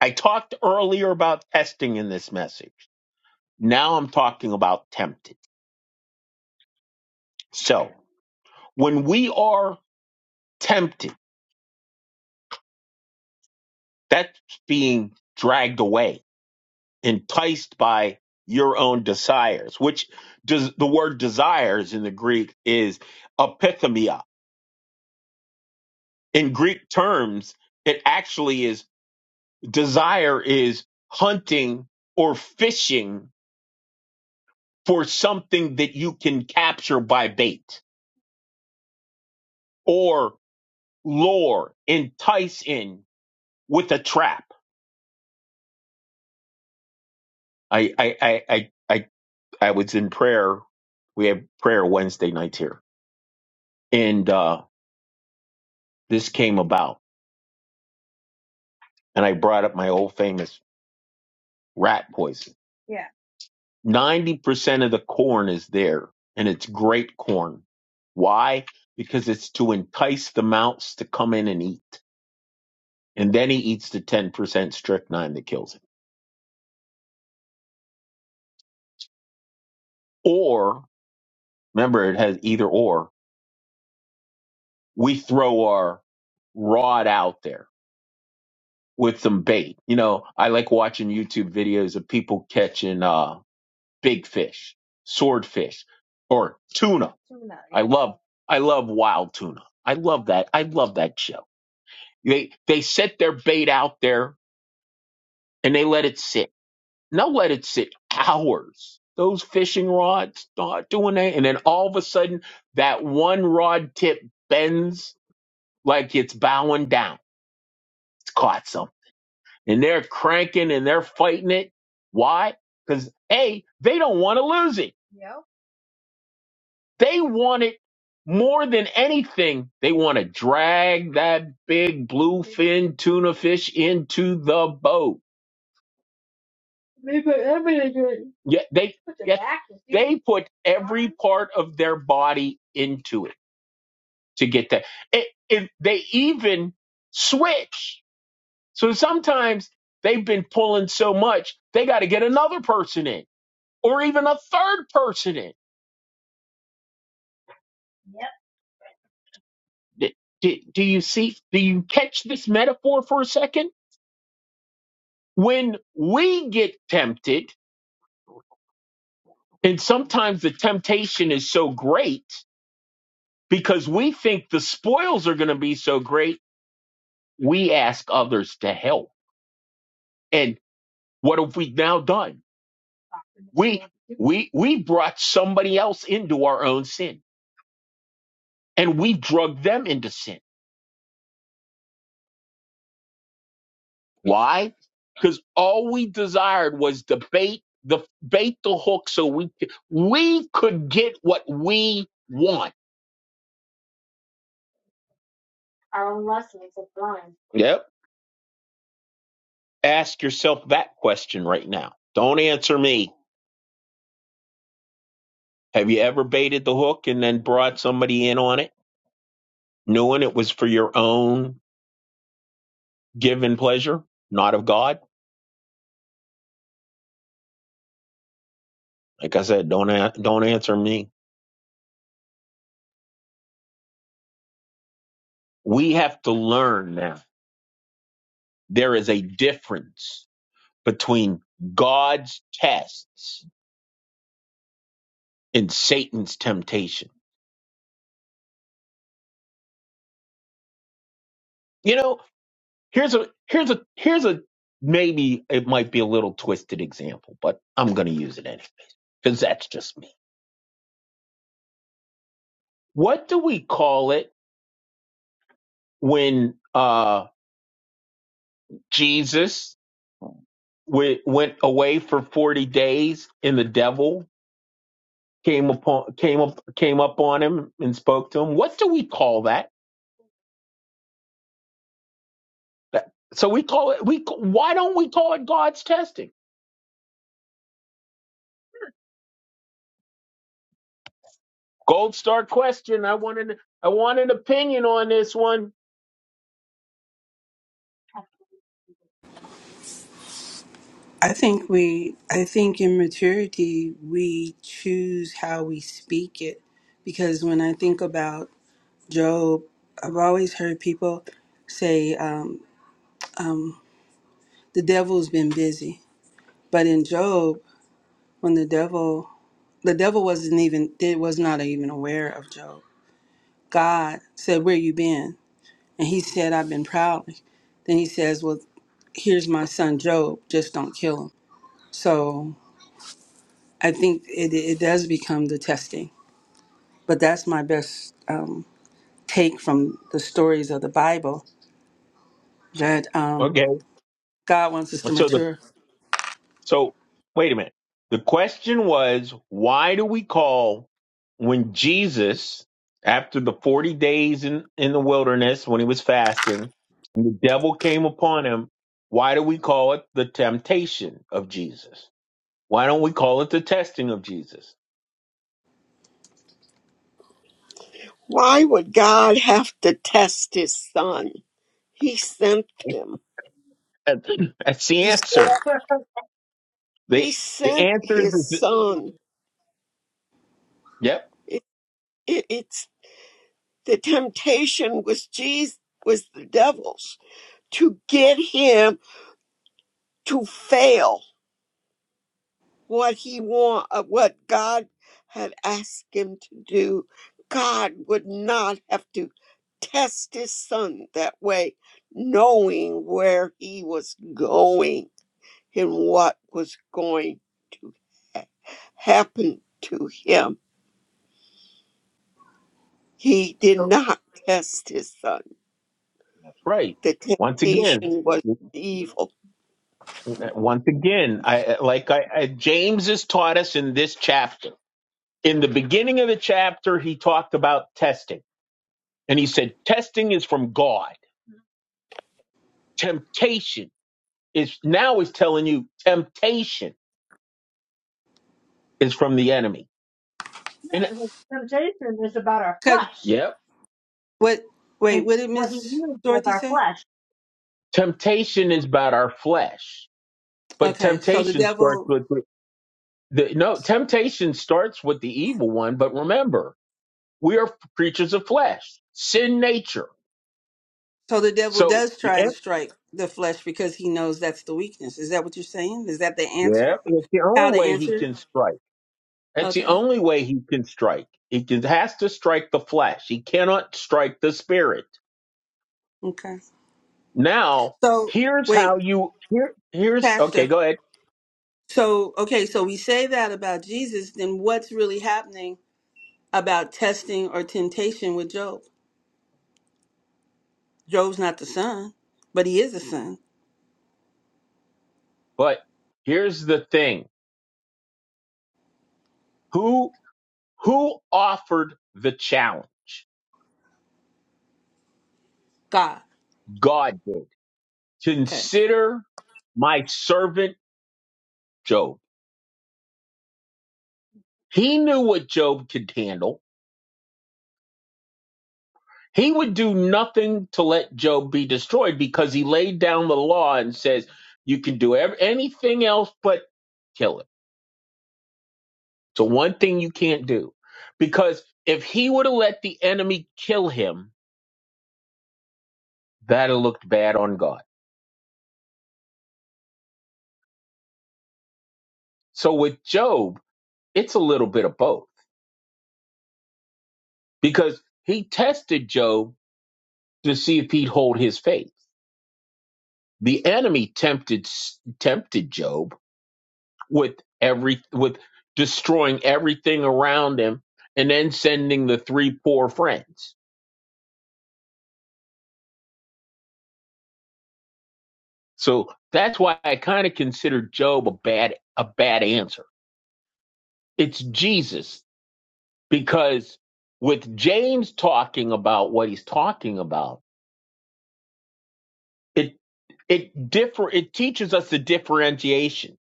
I talked earlier about testing in this message. Now I'm talking about tempted. So when we are tempted, that's being dragged away, enticed by your own desires, which does the word desires in the Greek is epithemia. In Greek terms, it actually is desire is hunting or fishing for something that you can capture by bait or lure, entice in with a trap. I I I I I, I was in prayer. We have prayer Wednesday nights here, and uh, this came about. And I brought up my old famous rat poison. Yeah. Ninety percent of the corn is there, and it's grape corn. Why? Because it's to entice the mouse to come in and eat, and then he eats the ten percent strychnine that kills him. Or remember, it has either or we throw our rod out there with some bait. You know, I like watching YouTube videos of people catching uh big fish, swordfish, or tuna. Tuna, I yeah. love I love wild tuna. I love that. I love that show. They they set their bait out there and they let it sit. And they'll let it sit hours. Those fishing rods start doing that, and then all of a sudden that one rod tip bends like it's bowing down. It's caught and they're cranking and they're fighting it. Why? Because A, they don't want to lose it. Yep. They want it more than anything. They want to drag that big bluefin tuna fish into the boat. They put everything in it. Yeah, they Put their yeah, back in it. they put every part of their body into it to get that. It, it, they even switch. So sometimes they've been pulling so much, they got to get another person in or even a third person in. D- d- do do you see? Do you catch this metaphor for a second? When we get tempted, and sometimes the temptation is so great because we think the spoils are going to be so great, we ask others to help. And what have we now done? We we we brought somebody else into our own sin, and we drug them into sin Why? Because all we desired was to bait the bait the hook so we c- we could get what we want. Our own lessons of blind. Yep. Ask yourself that question right now. Don't answer me. Have you ever baited the hook and then brought somebody in on it, knowing it was for your own given pleasure, not of God? Like I said, don't a- don't answer me. We have to learn now. There is a difference between God's tests and Satan's temptation. You know, here's a here's a here's a maybe it might be a little twisted example, but I'm going to use it anyway because that's just me. What do we call it when uh Jesus w- went away for 40 days and the devil came upon came up came up on him and spoke to him? What do we call that? That- So we call it we why don't we call it God's testing? Gold star question. I want an I want an opinion on this one. I think we, I think in maturity, we choose how we speak it. Because when I think about Job, I've always heard people say, um, the devil's been busy. But in Job, when the devil, the devil wasn't even, it was not even aware of Job. God said, Where you been? And he said, I've been prowling. Then he says, Well, here's my son Job, just don't kill him. So I think it, it does become the testing. But that's my best um, take from the stories of the Bible that um, Okay. God wants us to So the mature. so wait a minute. The question was why do we call when Jesus after the 40 days in in the wilderness when he was fasting and the devil came upon him why do we call it the temptation of Jesus? Why don't we call it the testing of Jesus? Why would God have to test his son? He sent him. That's the He sent answer. he The the sent answer is his son. yep. It, it, it's the temptation was Jesus was the devil's to get him to fail what he want uh, what God had asked him to do. God would not have to test his son that way, knowing where he was going and what was going to happen to him. He did So- not test his son. Right. The Once again, temptation was evil once again, I uh, like I, I James has taught us in this chapter. In the beginning of the chapter, he talked about testing, and he said testing is from God. Temptation is now is telling you temptation is from the enemy. And Yeah, because temptation is about our 'cause flesh, yep, what? and Wait, what did what he Miss uses with Dorothy our say? flesh. temptation is about our flesh, but Okay, so the temptation starts devil, with The, no, temptation starts with the evil one, but remember, we are creatures of flesh, sin nature. so the devil So, does try yeah, to strike the flesh because he knows that's the weakness. Is that what you're saying? Is that the yeah, answer? it's the only How to way he answer? it? can strike. That's the Okay, only way he can strike. He can, has to strike the flesh. He cannot strike the spirit. okay. Now, So here's how wait, you here here's okay, Pastor. go ahead. So okay, so we say that about Jesus. Then what's really happening? about testing or temptation with Job. Job's not the son, but he is a son. But here's the thing. Who who offered the challenge? God. God did. Okay. Consider my servant Job He knew what Job could handle. He would do nothing to let Job be destroyed because he laid down the law and says, you can do ev- anything else but kill it. So one thing you can't do. Because if he would have let the enemy kill him, that'd have looked bad on God. So with Job, it's a little bit of both because he tested Job to see if he'd hold his faith. The enemy tempted tempted Job with every with destroying everything around him and then sending the three poor friends. So that's why I kind of consider Job a bad a bad answer. It's Jesus because with James talking about what he's talking about, it it differ it teaches us the differentiation.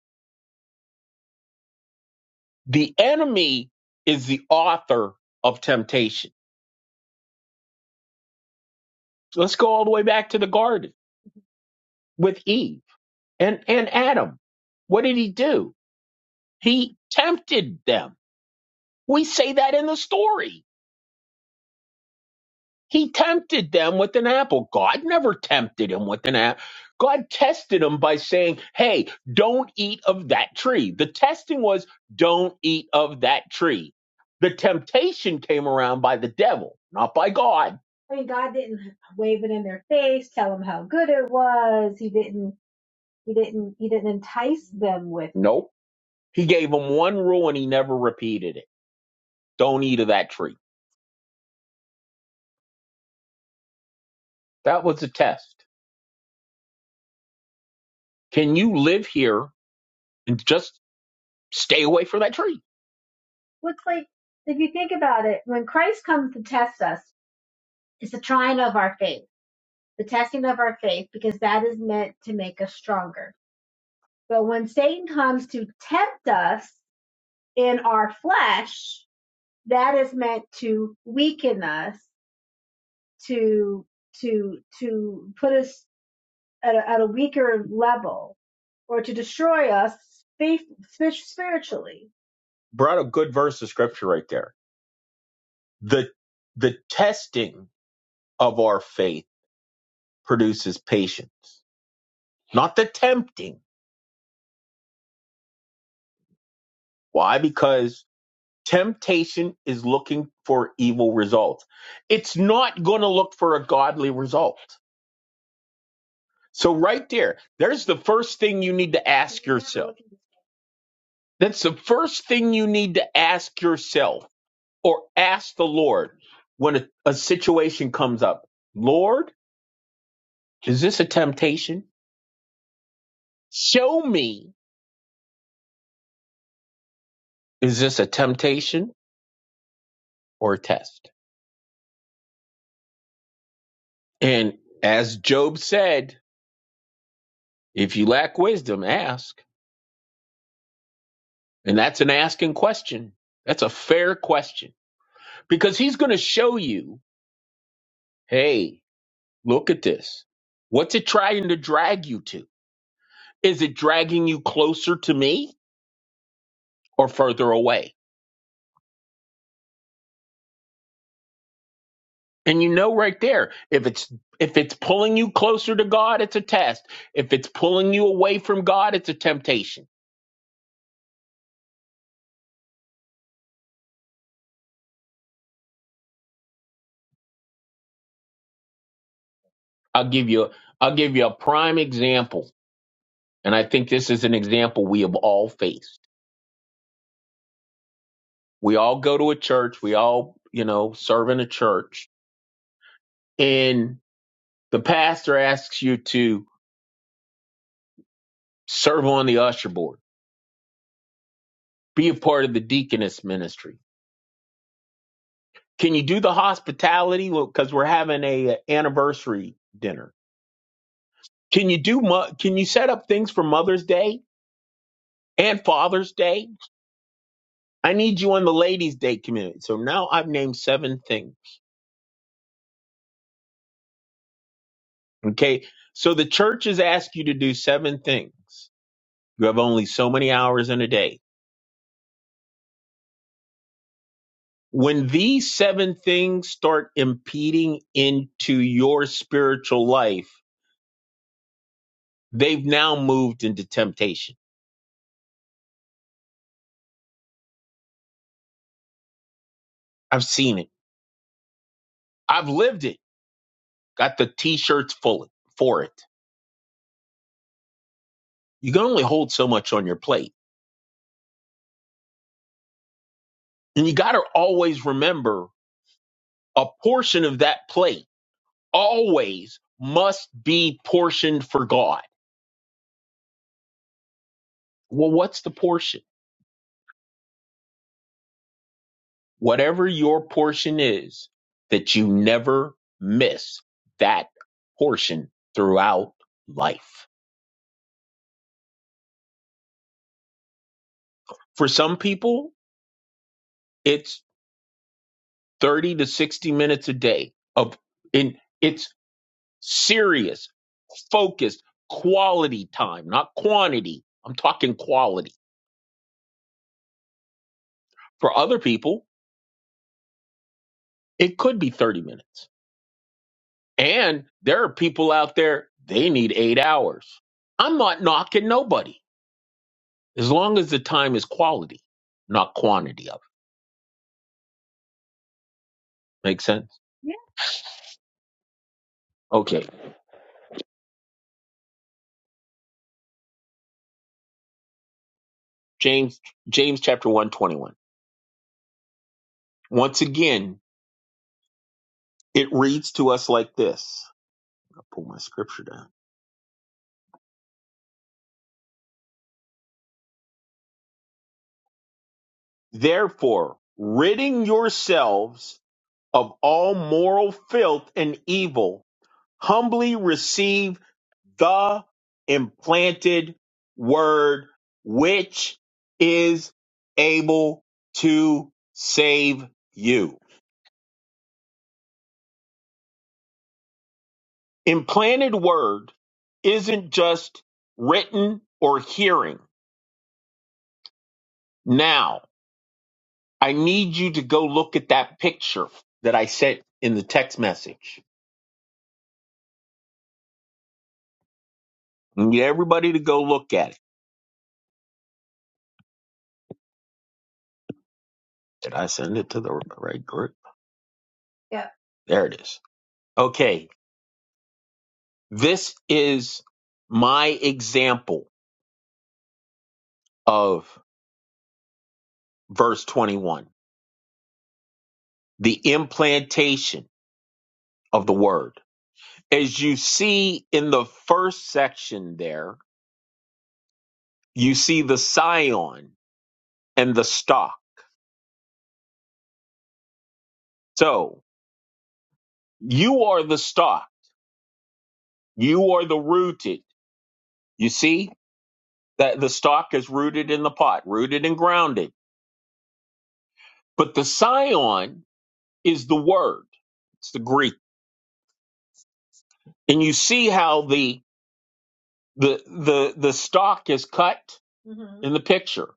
The enemy is the author of temptation. So let's go all the way back to the garden with Eve And and Adam, what did he do? He tempted them. We say that in the story. He tempted them with an apple. God never tempted him with an apple. God tested him by saying, "Hey, don't eat of that tree." The testing was, "Don't eat of that tree." The temptation came around by the devil, not by God. I mean, God didn't wave it in their face, tell them how good it was. He didn't. He didn't. He didn't entice them with Nope. He gave him one rule and he never repeated it. Don't eat of that tree. That was a test. Can you live here and just stay away from that tree? Looks like, if you think about it, when Christ comes to test us, it's the trying of our faith, the testing of our faith, because that is meant to make us stronger. But when Satan comes to tempt us in our flesh, that is meant to weaken us, to to to put us at a, at a weaker level or to destroy us spiritually. Brought a good verse of scripture right there. The the testing of our faith produces patience, not the tempting. Why? Because temptation is looking for evil results. It's not going to look for a godly result. So right there, there's the first thing you need to ask yourself. That's the first thing you need to ask yourself or ask the Lord when a, a situation comes up, Lord, is this a temptation? Show me, is this a temptation or a test? And as Job said, if you lack wisdom, ask. And that's an asking question. That's a fair question because he's going to show you, hey, look at this. What's it trying to drag you to? Is it dragging you closer to me or further away? And you know right there, if it's if it's pulling you closer to God, it's a test. If it's pulling you away from God, it's a temptation. I'll give you I'll give you a prime example. And I think this is an example we have all faced. We all go to a church, we all, you know, serve in a church, and the pastor asks you to serve on the usher board, be a part of the deaconess ministry. Can you do the hospitality? Well, because we're having a anniversary dinner Can you do mo- can you set up things for Mother's Day and Father's Day? I need you on the Ladies' Day community. So now I've named seven things. Okay. So the church has asked you to do seven things. You have only so many hours in a day. When these seven things start impeding into your spiritual life, they've now moved into temptation. I've seen it. I've lived it. Got the t-shirts full for it. You can only hold so much on your plate And you got to always remember a portion of that plate always must be portioned for God. Well, what's the portion? Whatever your portion is, that you never miss that portion throughout life. For some people, it's 30 to 60 minutes a day of in it's serious, focused, quality time, not quantity. I'm talking quality. For other people, It could be 30 minutes. And there are people out there, they need eight hours. I'm not knocking nobody as long as the time is quality, not quantity of it. Make sense? Yeah. Okay. James, James chapter 121. Once again, it reads to us like this. I'll pull my scripture down. Therefore, ridding yourselves of all moral filth and evil, humbly receive the implanted word, which is able to save you. Implanted word isn't just written or hearing. Now, I need you to go look at that picture that I sent in the text message. I need everybody to go look at it. Did I send it to the right group? Yeah. There it is. Okay. This is my example of verse 21, the implantation of the word. As you see in the first section there, you see the scion and the stock. So you are the stock. You are the rooted. You see that the stock is rooted in the pot, rooted and grounded. But the scion is the word. It's the Greek. And you see how the the the the stock is cut Mhm. in the picture.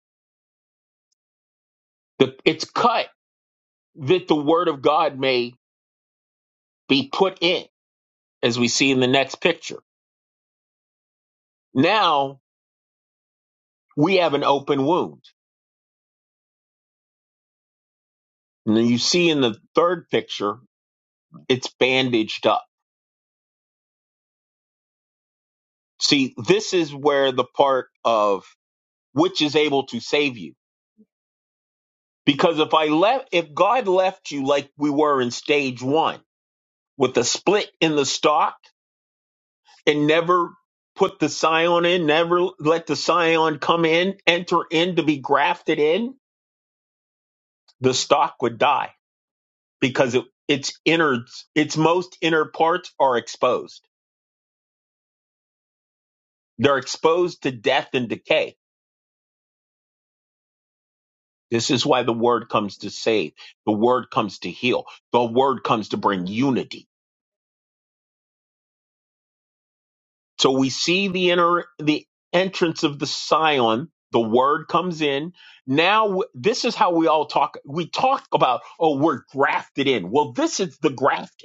The, it's cut that the word of God may be put in, as we see in the next picture. Now we have an open wound. And then you see in the third picture, it's bandaged up. See, this is where the part of which is able to save you. Because if I left, if God left you like we were in stage one with a split in the stock and never put the scion in, never let the scion come in, enter in to be grafted in, the stock would die because it, its inner its most inner parts are exposed. They're exposed to death and decay. This is why the word comes to save. The word comes to heal. The word comes to bring unity. So we see the inner the entrance of the Scion. The word comes in. Now w- this is how we all talk. We talk about oh we're grafted in. Well, this is the grafting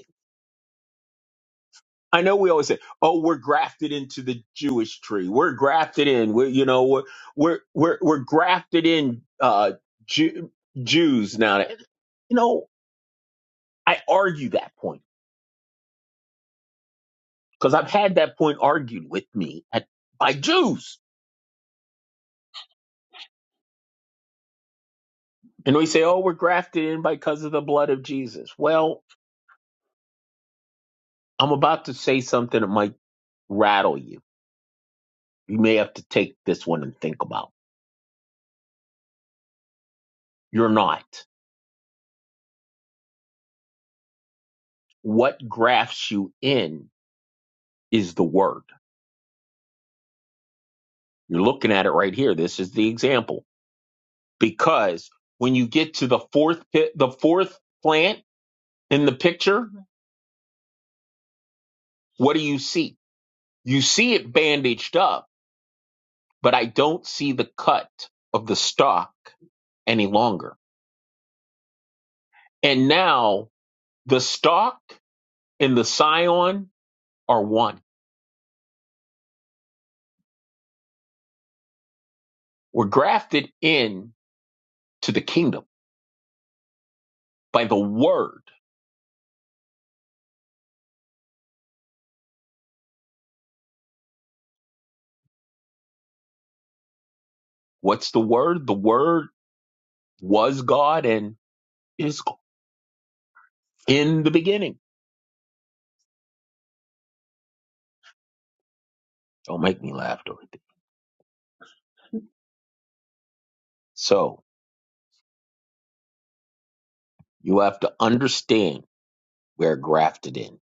I know we always say, "Oh, we're grafted into the Jewish tree. We're grafted in. We're you know we're we're we're, we're grafted in uh, Jew, Jews now." You know, I argue that point because I've had that point argued with me at, by Jews, and we say, "Oh, we're grafted in because of the blood of Jesus." Well, I'm about to say something that might rattle you. You may have to take this one and think about. You're not. What grafts you in is the word You're looking at it right here. This is the example because when you get to the fourth pit, the fourth plant in the picture, what do you see? You see it bandaged up, but I don't see the cut of the stalk any longer. And now the stalk and the scion are one. We're grafted in to the kingdom by the word. What's the word? The word was God and is God in the beginning. Don't make me laugh, Dory. So you have to understand where grafted in.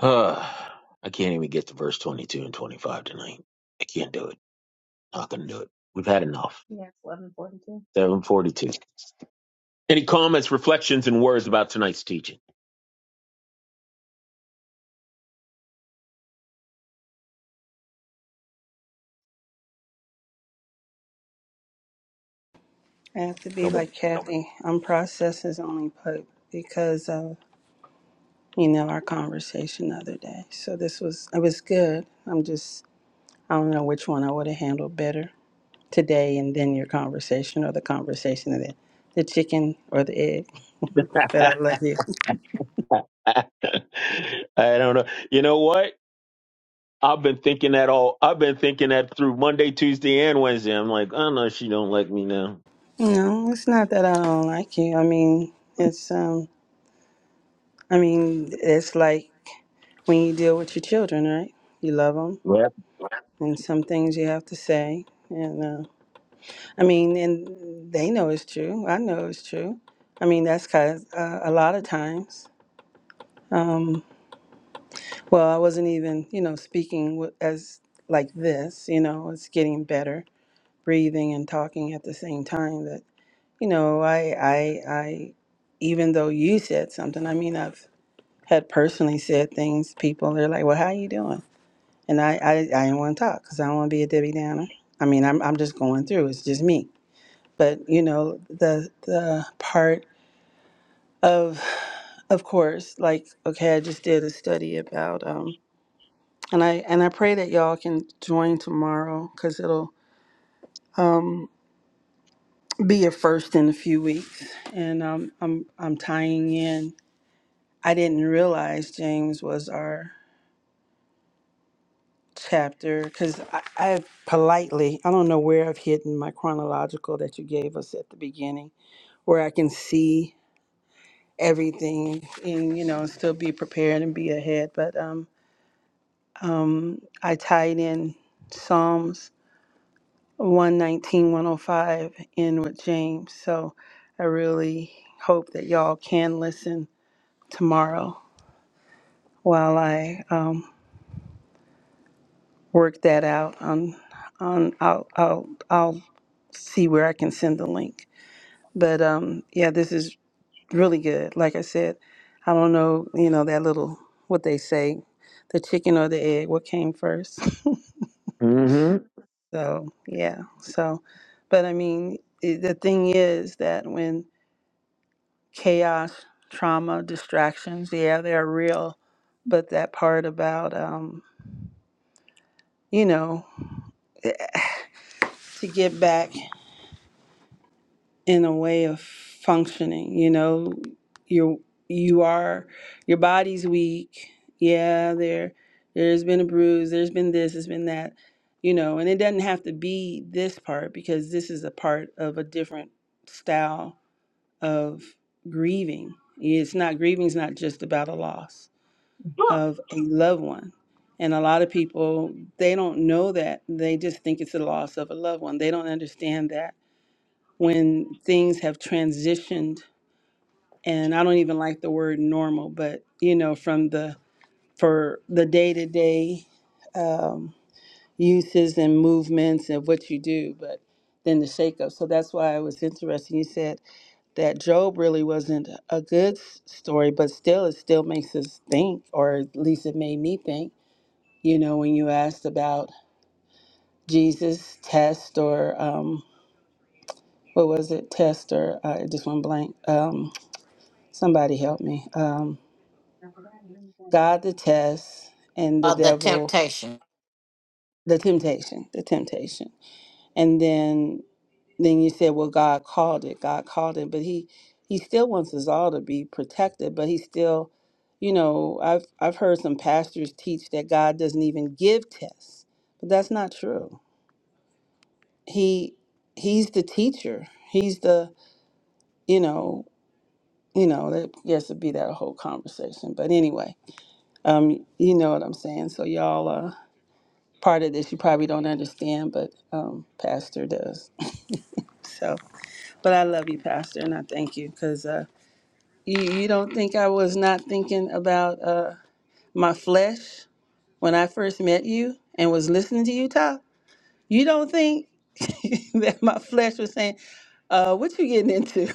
I can't even get to verse 22 and 25 tonight. I can't do it. Not going to do it. We've had enough. Yeah, it's 1142. 742. Any comments, reflections, and words about tonight's teaching? I have to be Nobody. like Kathy. I'm processes only Pope because of, you know, our conversation the other day. So this was, it was good. I'm just, I don't know which one I would have handled better today and then your conversation or the conversation of the, the chicken or the egg. But I love you. I don't know. You know what? I've been thinking that all. I've been thinking that through Monday, Tuesday, and Wednesday. I'm like, I don't know. She don't like me now. No, it's not that I don't like you. I mean, it's, um, I mean, it's like when you deal with your children, right? You love them, Yep. and some things you have to say. And uh, I mean, and they know it's true. I know it's true. I mean, that's cause uh, a lot of times. Well, I wasn't even, you know, speaking with, as like this. You know, it's getting better, breathing and talking at the same time. That you know, I, I, I. Even though you said something, I mean, I've had personally said things. People, they're like, "Well, how you doing?" And I, I, I didn't want to talk because I don't want to be a Debbie Downer. I mean, I'm, I'm just going through. It's just me. But you know, the the part of, of course, like okay, I just did a study about, um, and I and I pray that y'all can join tomorrow because it'll um, be a first in a few weeks. And um, I'm I'm tying in. I didn't realize James was our chapter because I, I politely, I don't know where I've hidden my chronological that you gave us at the beginning, where I can see everything and, you know, and still be prepared and be ahead. But um, I tied in Psalms 119, 105 in with James. So I really hope that y'all can listen tomorrow while I um, work that out. On, on, I'll, I'll, I'll see where I can send the link. But um, yeah, this is really good. Like I said, I don't know, you know, that little what they say, the chicken or the egg, what came first. Mm-hmm. so yeah, so, but I mean, i the thing is that when chaos, trauma, distractions, yeah, they're real. But that part about um, you know, to get back. in a way of functioning you know you're you are your body's weak yeah there there's been a bruise there's been this there's been that you know and it doesn't have to be this part because this is a part of a different style of grieving it's not grieving is not just about a loss of a loved one and a lot of people they don't know that they just think it's the loss of a loved one they don't understand that when things have transitioned and i don't even like the word normal but you know from the for the day-to-day um, uses and movements and what you do but then the shakeup so that's why it was interesting you said that job really wasn't a good s- story but still it still makes us think or at least it made me think you know when you asked about jesus test or um, what was it test or uh, just one blank Um, Somebody help me. Um, God the test and the Uh, the devil temptation. the temptation, the temptation, and then then you said, well, God called it. God called it, but he he still wants us all to be protected, but he still, you know, I've I've heard some pastors teach that God doesn't even give tests, but that's not true. He he's the teacher. He's the you know you know that yes it'd be that whole conversation, but anyway, um, you know what I'm saying. So y'all. uh. part of this you probably don't understand, but um, Pastor does. So, but I love you, Pastor, and I thank you because uh, you, you don't think I was not thinking about uh, my flesh when I first met you and was listening to you talk. You don't think that my flesh was saying, uh, "What you getting into?"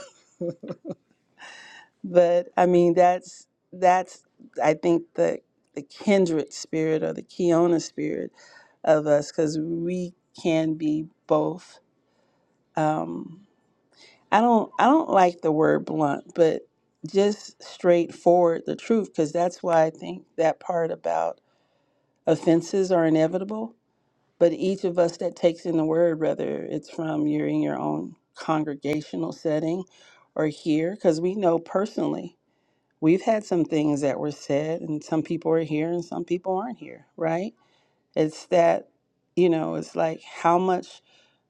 But I mean, that's that's I think the the kindred spirit or the Kiona spirit of us because we can be both. Um, I don't I don't like the word blunt, but just straightforward the truth because that's why I think that part about offenses are inevitable. But each of us that takes in the word, whether it's from you're in your own congregational setting or here, because we know personally we've had some things that were said, and some people are here and some people aren't here, right? It's that you know, it's like how much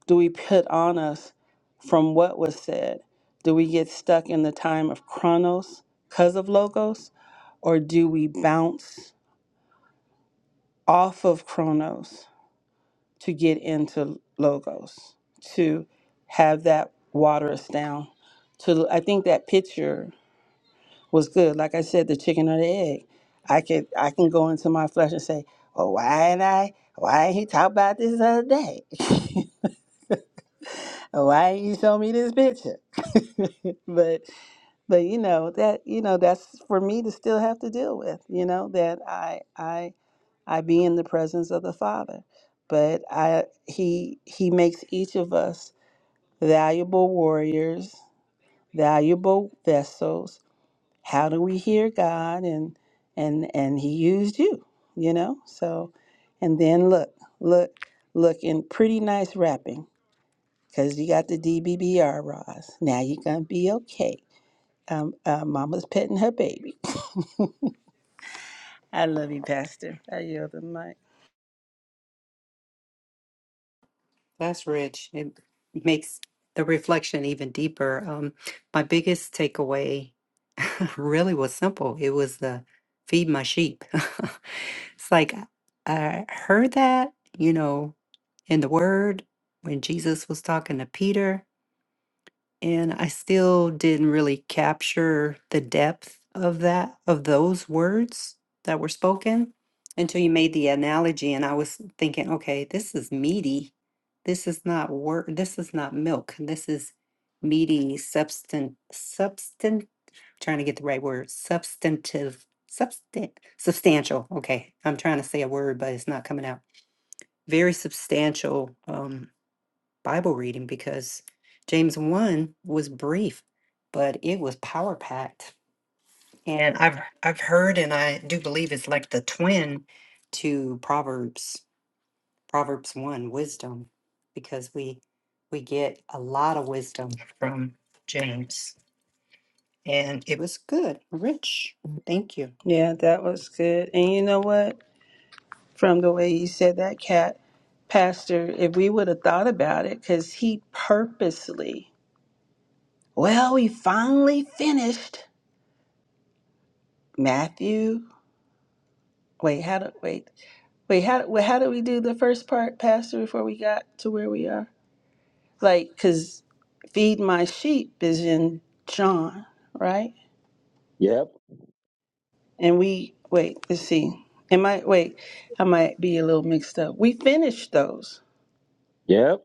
do we put on us from what was said? Do we get stuck in the time of chronos because of logos? Or do we bounce off of chronos to get into logos, to have that water us down? To I think that picture was good. Like I said, the chicken or the egg. I could I can go into my flesh and say, Oh, why ain't I why ain't he talk about this other day? why didn't you show me this picture? but but you know that you know that's for me to still have to deal with. You know that I I I be in the presence of the Father, but I he he makes each of us valuable warriors, valuable vessels. How do we hear God and and and He used you? You know so, and then look look look in pretty nice wrapping because you got the DBBR, Roz. Now you're going to be okay. Um, uh, Mama's petting her baby. I love you, Pastor. I yield the mic. Yeah, that was good. And you know what? From the way you said that, Cat, Pastor, if we would have thought about it, because he purposely, well, we finally finished Matthew. Wait, how do wait? Wait, how wait, how do we do the first part, Pastor, before we got to where we are? like because feed my sheep is in john right Yep. and we wait let's see am i wait i might be a little mixed up we finished those Yep.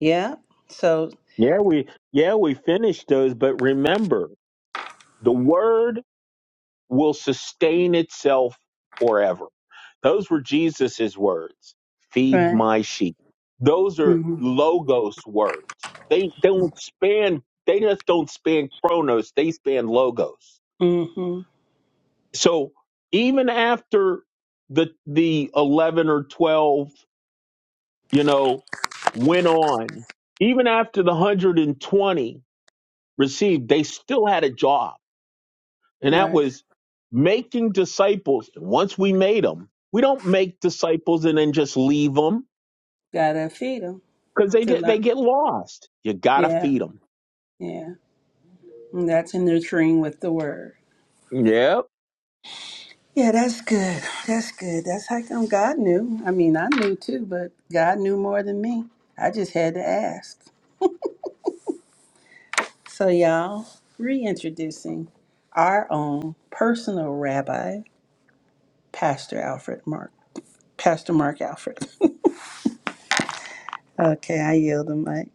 yeah so Yeah, we yeah, we finished those, but remember, the word will sustain itself forever. Those were Jesus's words. Feed right my sheep. Those are mm-hmm logos words. They don't span they just don't span chronos, they span logos. mm-hmm So even after the the 11 or 12, you know, went on, even after the 120 received, they still had a job and that right was making disciples. And once we made them, we don't make disciples and then just leave them gotta feed them because they to get they like get lost. You gotta yeah feed them. yeah and that's in nurturing with the word Yep, yeah that's good that's good that's how come god knew i mean i knew too but god knew more than me i just had to ask So, y'all, reintroducing our own personal rabbi, Pastor Alfred Mark. Pastor Mark Alfred. Okay, I yield the mic.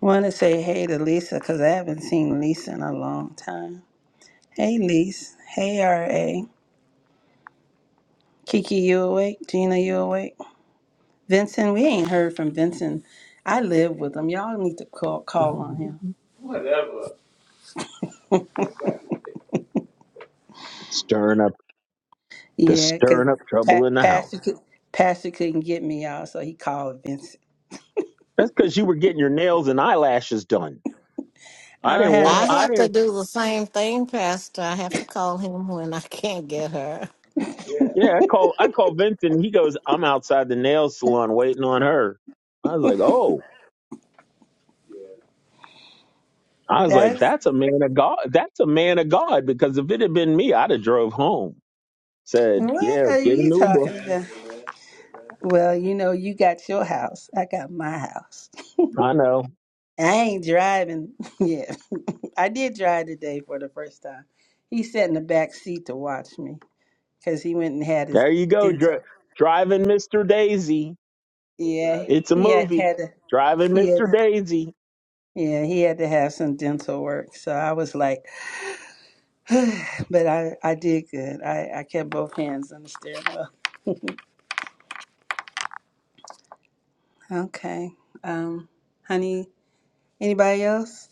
Want to say hey to Lisa because I haven't seen Lisa in a long time. Hey, Lisa. Hey, R.A. Kiki, you awake? Gina, you awake? Vincent, we ain't heard from Vincent. I live with him. Y'all need to call call on him. stirring up just Yeah, because stirring up trouble pa- in the house. Pastor, could- Pastor couldn't get me, y'all, so he called Vincent. That's because you were getting your nails and eyelashes done. I I don't didn't have want. I no. I have to didn't. do the same thing, Pastor. I have to call him when I can't get her. Yeah, I call I call Vincent. He goes, I'm outside the nail salon waiting on her. I was like, oh. I was like, That's that's a man of God. That's a man of God. Because if it had been me, I'd have drove home. Said, what yeah, are get an you Uber. talking about? Well, you know, you got your house. I got my house. I know. I ain't driving yet. I did drive today for the first time. He sat in the back seat to watch me because he went and had his There you go. Dri dental. driving Mr. Daisy. Yeah, It's a he had movie. had to. Driving He had. Mr. Daisy. Yeah, he had to have some dental work. So I was like, but I I did good. I I kept both hands on the steering wheel. Okay. Um, honey, anybody else?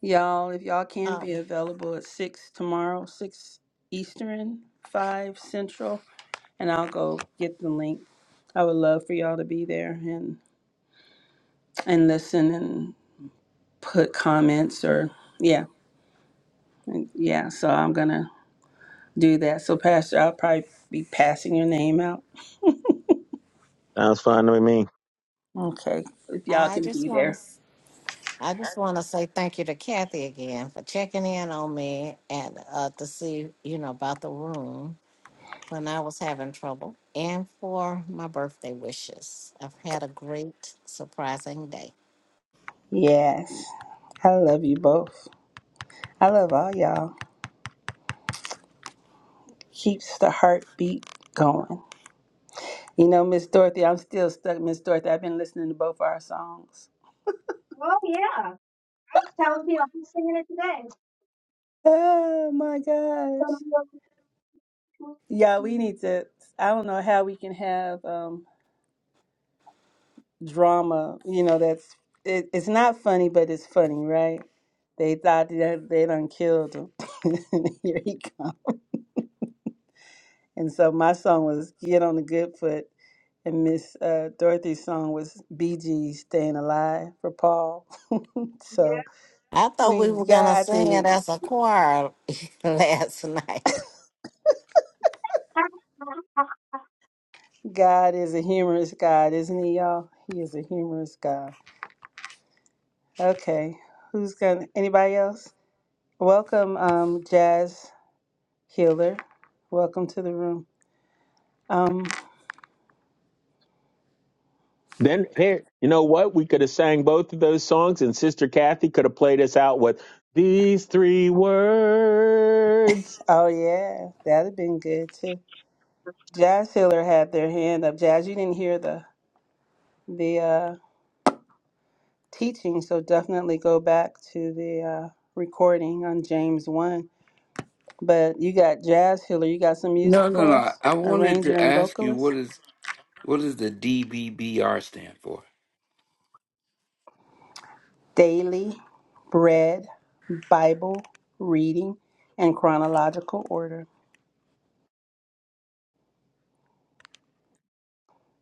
Y'all, if y'all can be Um, available at six tomorrow, six Eastern, five Central, and I'll go get the link. I would love for y'all to be there and and listen and put comments or yeah, and- yeah. So I'm gonna do that. So Pastor, I'll probably be passing your name out. Sounds fun to me. Okay, if y'all I can just be want to. there. I just want to say thank you to Kathy again for checking in on me and uh, to see, you know, about the room when I was having trouble and for my birthday wishes. I've had a great, surprising day. Yes, I love you both. I love all y'all. Keeps the heartbeat going. You know, Miss Dorothy, I'm still stuck, Miss Dorothy. I've been listening to both our songs. Oh yeah, I was telling people I'm singing it today. Oh my gosh. Yeah, we need to I don't know how we can have um drama, you know, that's it, it's not funny, but it's funny, right? They thought that they done killed him. Here he come. And so my song was Get on the Good Foot and Miss uh, Dorothy's song was BG Staying Alive for Paul. So I thought we we were going got to I sing it think as a choir last night. God is a humorous God, isn't he, y'all? He is a humorous God. Okay, who's gonna? Anybody else? Welcome, um, Jazz Healer. Welcome to the room. Um, Then here, you know what? We could have sang both of those songs, and Sister Kathy could have played us out with these three words. oh yeah, that'd have been good too. Jazz Healer had their hand up. Jazz, you didn't hear the the uh, teaching, so definitely go back to the uh, recording on James one. But you got Jazz Healer. You got some No, music no, for no. us, I wanted arranger to and ask you vocalist. what is what does the DBBR stand for? Daily Bread Bible Reading in chronological order.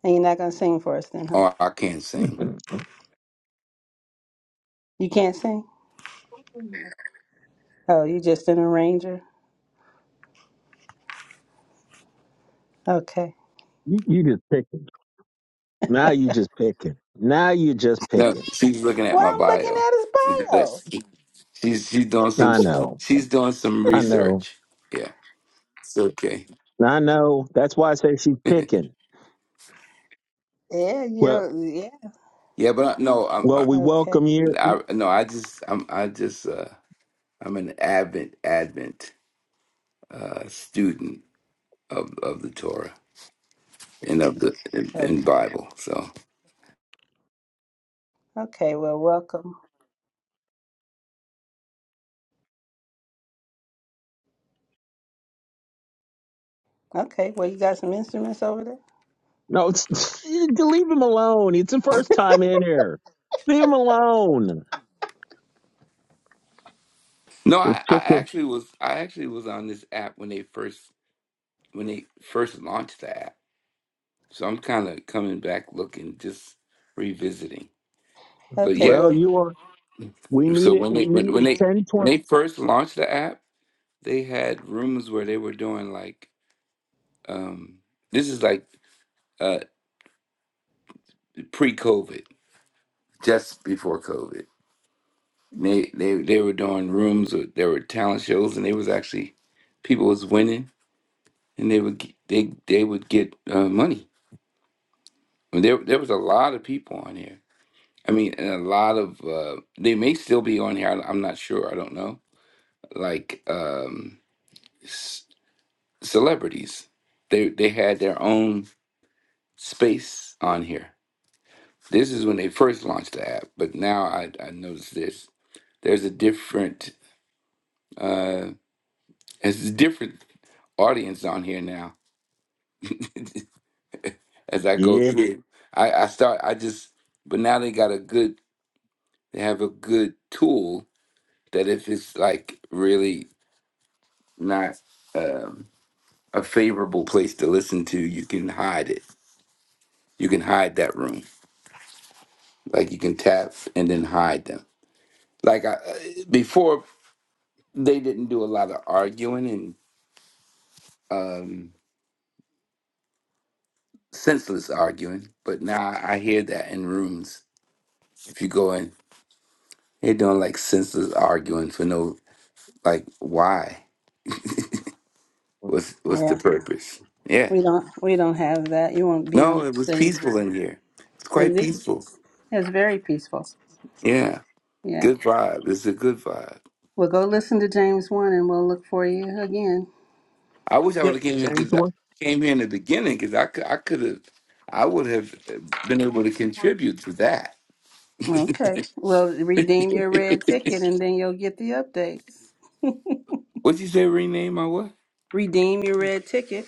And you're not going to sing for us then, huh? Oh, I can't sing. You, You can't sing? Oh, you just an arranger? Okay. you just picking. Now you just picking. Now you just No, picking. she's looking at Well, my I'm looking bio. at his bio. That's she's she's doing some I know. she's doing some I know. research. Yeah, it's okay. I know. That's why I say she's picking. Yeah, you Well, know, yeah. yeah, but I, no, I'm well, I, we Okay, welcome you. I no, I just I'm I just uh I'm an avid advent uh student of of the Torah and of the and, and okay, Bible. So okay. Well, welcome. Okay, well, you got some instruments over there? No, it's, leave him alone. It's the first time in here. Leave him alone. no, You're I, I picking. actually was I actually was on this app when they first when they first launched the app. So I'm kind of coming back looking, just revisiting. But Okay, yeah, Well, well, you are. We so meet it. when they We when, meet when at they ten when twenty. they first launched the app, they had rooms where they were doing like um this is like uh pre-COVID, just before COVID. They they they were doing rooms with there were talent shows and they was actually people was winning and they would g- they they would get uh, money. I mean, there there was a lot of people on here I mean, and a lot of uh, they may still be on here. I, I'm not sure. I don't know. Like um, c- celebrities, they they had their own space on here. This is when they first launched the app, but now I I noticed this. There's a different uh, there's a different audience on here now. As I go Yeah, through, I I start I just but now they got a good they have a good tool that if it's like really not. Um, a favorable place to listen to, you can hide it. You can hide that room. Like you can tap and then hide them. Like I, uh, before, they didn't do a lot of arguing and um, senseless arguing, but now I hear that in rooms. If you go in, they're doing like senseless arguing for no, like why? What's what's the yeah. purpose? Yeah. We don't, we don't have that. You won't be on No, the it was stage peaceful very. in here. It's quite It's, peaceful. it's very peaceful. Yeah. Yeah. Good vibe. It's a good vibe. Well, go listen to James 1 and we'll look for you again. I wish I would Yeah, have came here ten because I came here in the beginning because I could I could have I would have uh, been able to twenty. contribute to that. Okay. Well, redeem your red ticket and then you'll get the updates. What'd you say? Rename my what? Redeem your red ticket.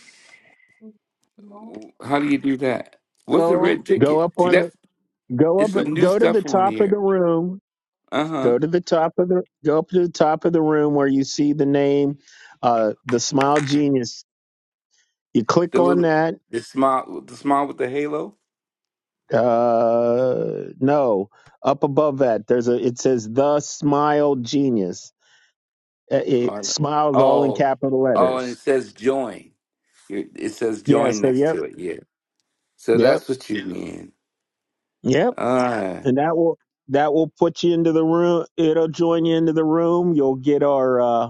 How do you do that? What's the red Go Go ticket? up See, on that's the go it's up some new go to the stuff on top of the here. room. Uh huh. Go to the top of the go up to the top of the room where you see the name, uh, the Smile Genius. You click The on little that. the smile the smile with the halo. Uh, no, up above that there's a it says the Smile Genius. Uh, It Or smiles all in oh capital oh, and it letters. says join. It it says Yeah. join So next yep, to it. Yeah. So yep, that's what you mean. yep, All right. and that will that will put you into the room. It'll join you into the room. You'll get our uh,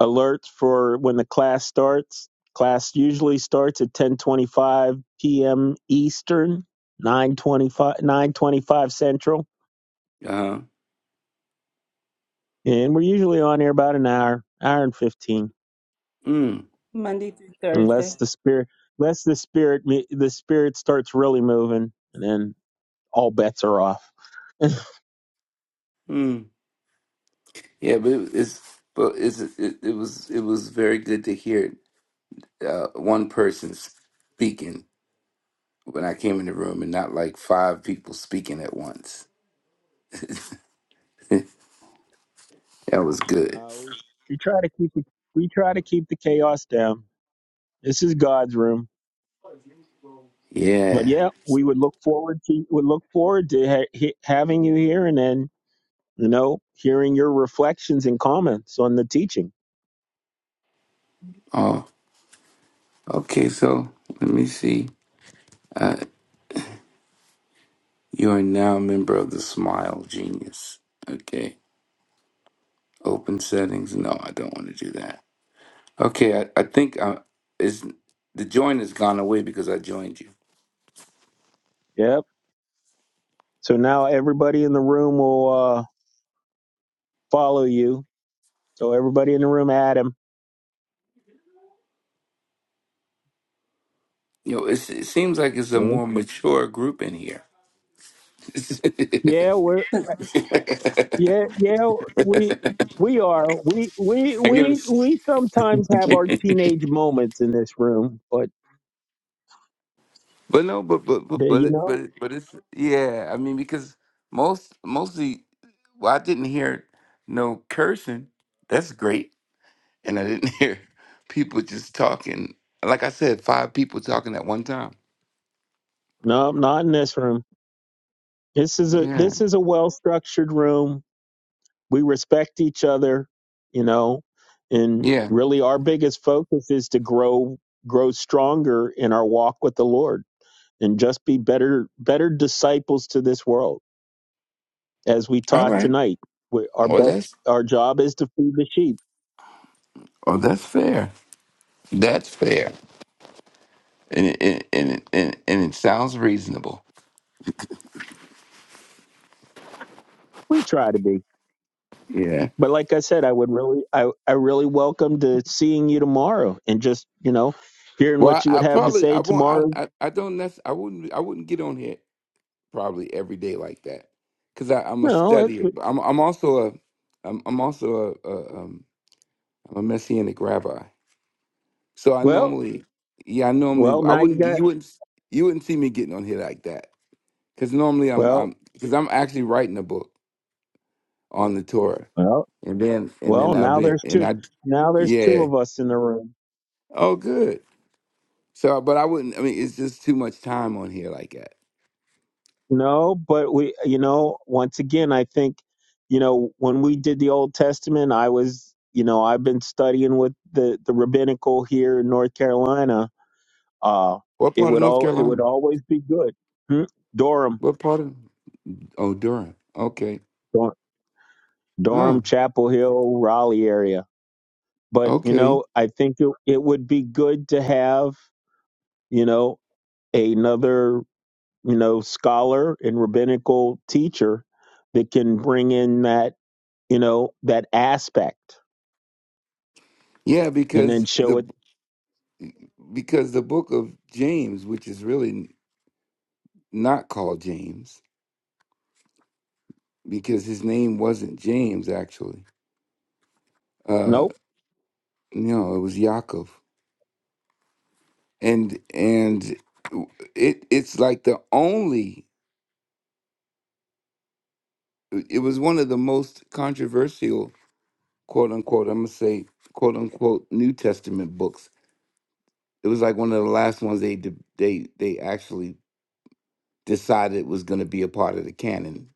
alerts for when the class starts. Class usually starts at 10:25 p.m. Eastern, 9:25 9:25 Central, Uh huh. and we're usually on here about an hour, hour and 15, Monday through unless Thursday. the spirit unless the spirit the spirit starts really moving, and then. all bets are off. Mm. Yeah, but it- it's but it's it, it was it was very good to hear uh, one person speaking when I came in the room, and not like five people speaking at once. that was good. Uh, we we try to keep the, we try to keep the chaos down. This is God's room, but Yeah. yeah, we would look forward to would look forward to ha- he- having you here, and then you know, hearing your reflections and comments on the teaching. Oh, okay. So let me see. Uh, you are now a member of the Smile Genius. Okay. Open settings. No, I don't want to do that. Okay. I, I think uh, is the join has gone away because I joined you. Yep. So now everybody in the room will uh, follow you. So everybody in the room, Adam. You know, it's, it seems like it's a Mhm. more mature group in here. I Yeah, we're yeah yeah we we are we we get we it. we sometimes have our teenage moments in this room, but But no, but but but uh, but you it, but, know, it, but it's yeah. I mean, because most mostly, well, I didn't hear no cursing. That's great, and I didn't hear people just talking. Like I said, five people talking at one time. no, not in this room. This is a Yeah, this is a well structured room. we respect each other you know and yeah. really our biggest focus is to grow grow stronger in our walk with the lord and just be better better disciples to this world as we All taught right. tonight we, our Well, best that's our job is to feed the sheep oh, that's fair. That's fair, and it, and and and, and it sounds reasonable. we try to be Yeah. but like i said i would really i, I really welcome to seeing you tomorrow and just you know hearing Well, what you I, would I have to probably I say won't. I tomorrow I, I don't necess- I wouldn't. I wouldn't get on here probably every day like that because I'm a no it, studier. But I'm I'm also a I'm I'm also a, a um I'm a messianic rabbi. So I well normally yeah I normally well I now you wouldn't got you wouldn't you wouldn't see me getting on here like that because normally I'm well I'm because I'm actually writing a book on the Torah well and then and then Well, I've now been there's and two. I Now there's two yeah of us in the room. oh good so but I wouldn't I mean it's just too much time on here like that. No, but we, you know, once again, I think, you know, when we did the Old Testament, I was, you know, I've been studying with the the rabbinical here in North Carolina. Uh, What it part of would North all it Carolina? would always be good. Hmm? Durham, What part of? Oh, Durham. Okay. Dur- Huh. Durham, Chapel Hill, Raleigh area. But you Okay. know, I think it, it would be good to have, you know, another you know, scholar and rabbinical teacher that can bring in that, you know, that aspect Yeah, and then because show the it. because the book of James, which is really not called James, because his name wasn't James actually. Uh, Nope. no, it was Yaakov, and and it it's like the only. It was one of the most controversial, quote unquote. I'm gonna say, quote unquote, New Testament books. It was like one of the last ones they de- they they actually decided was going to be a part of the canon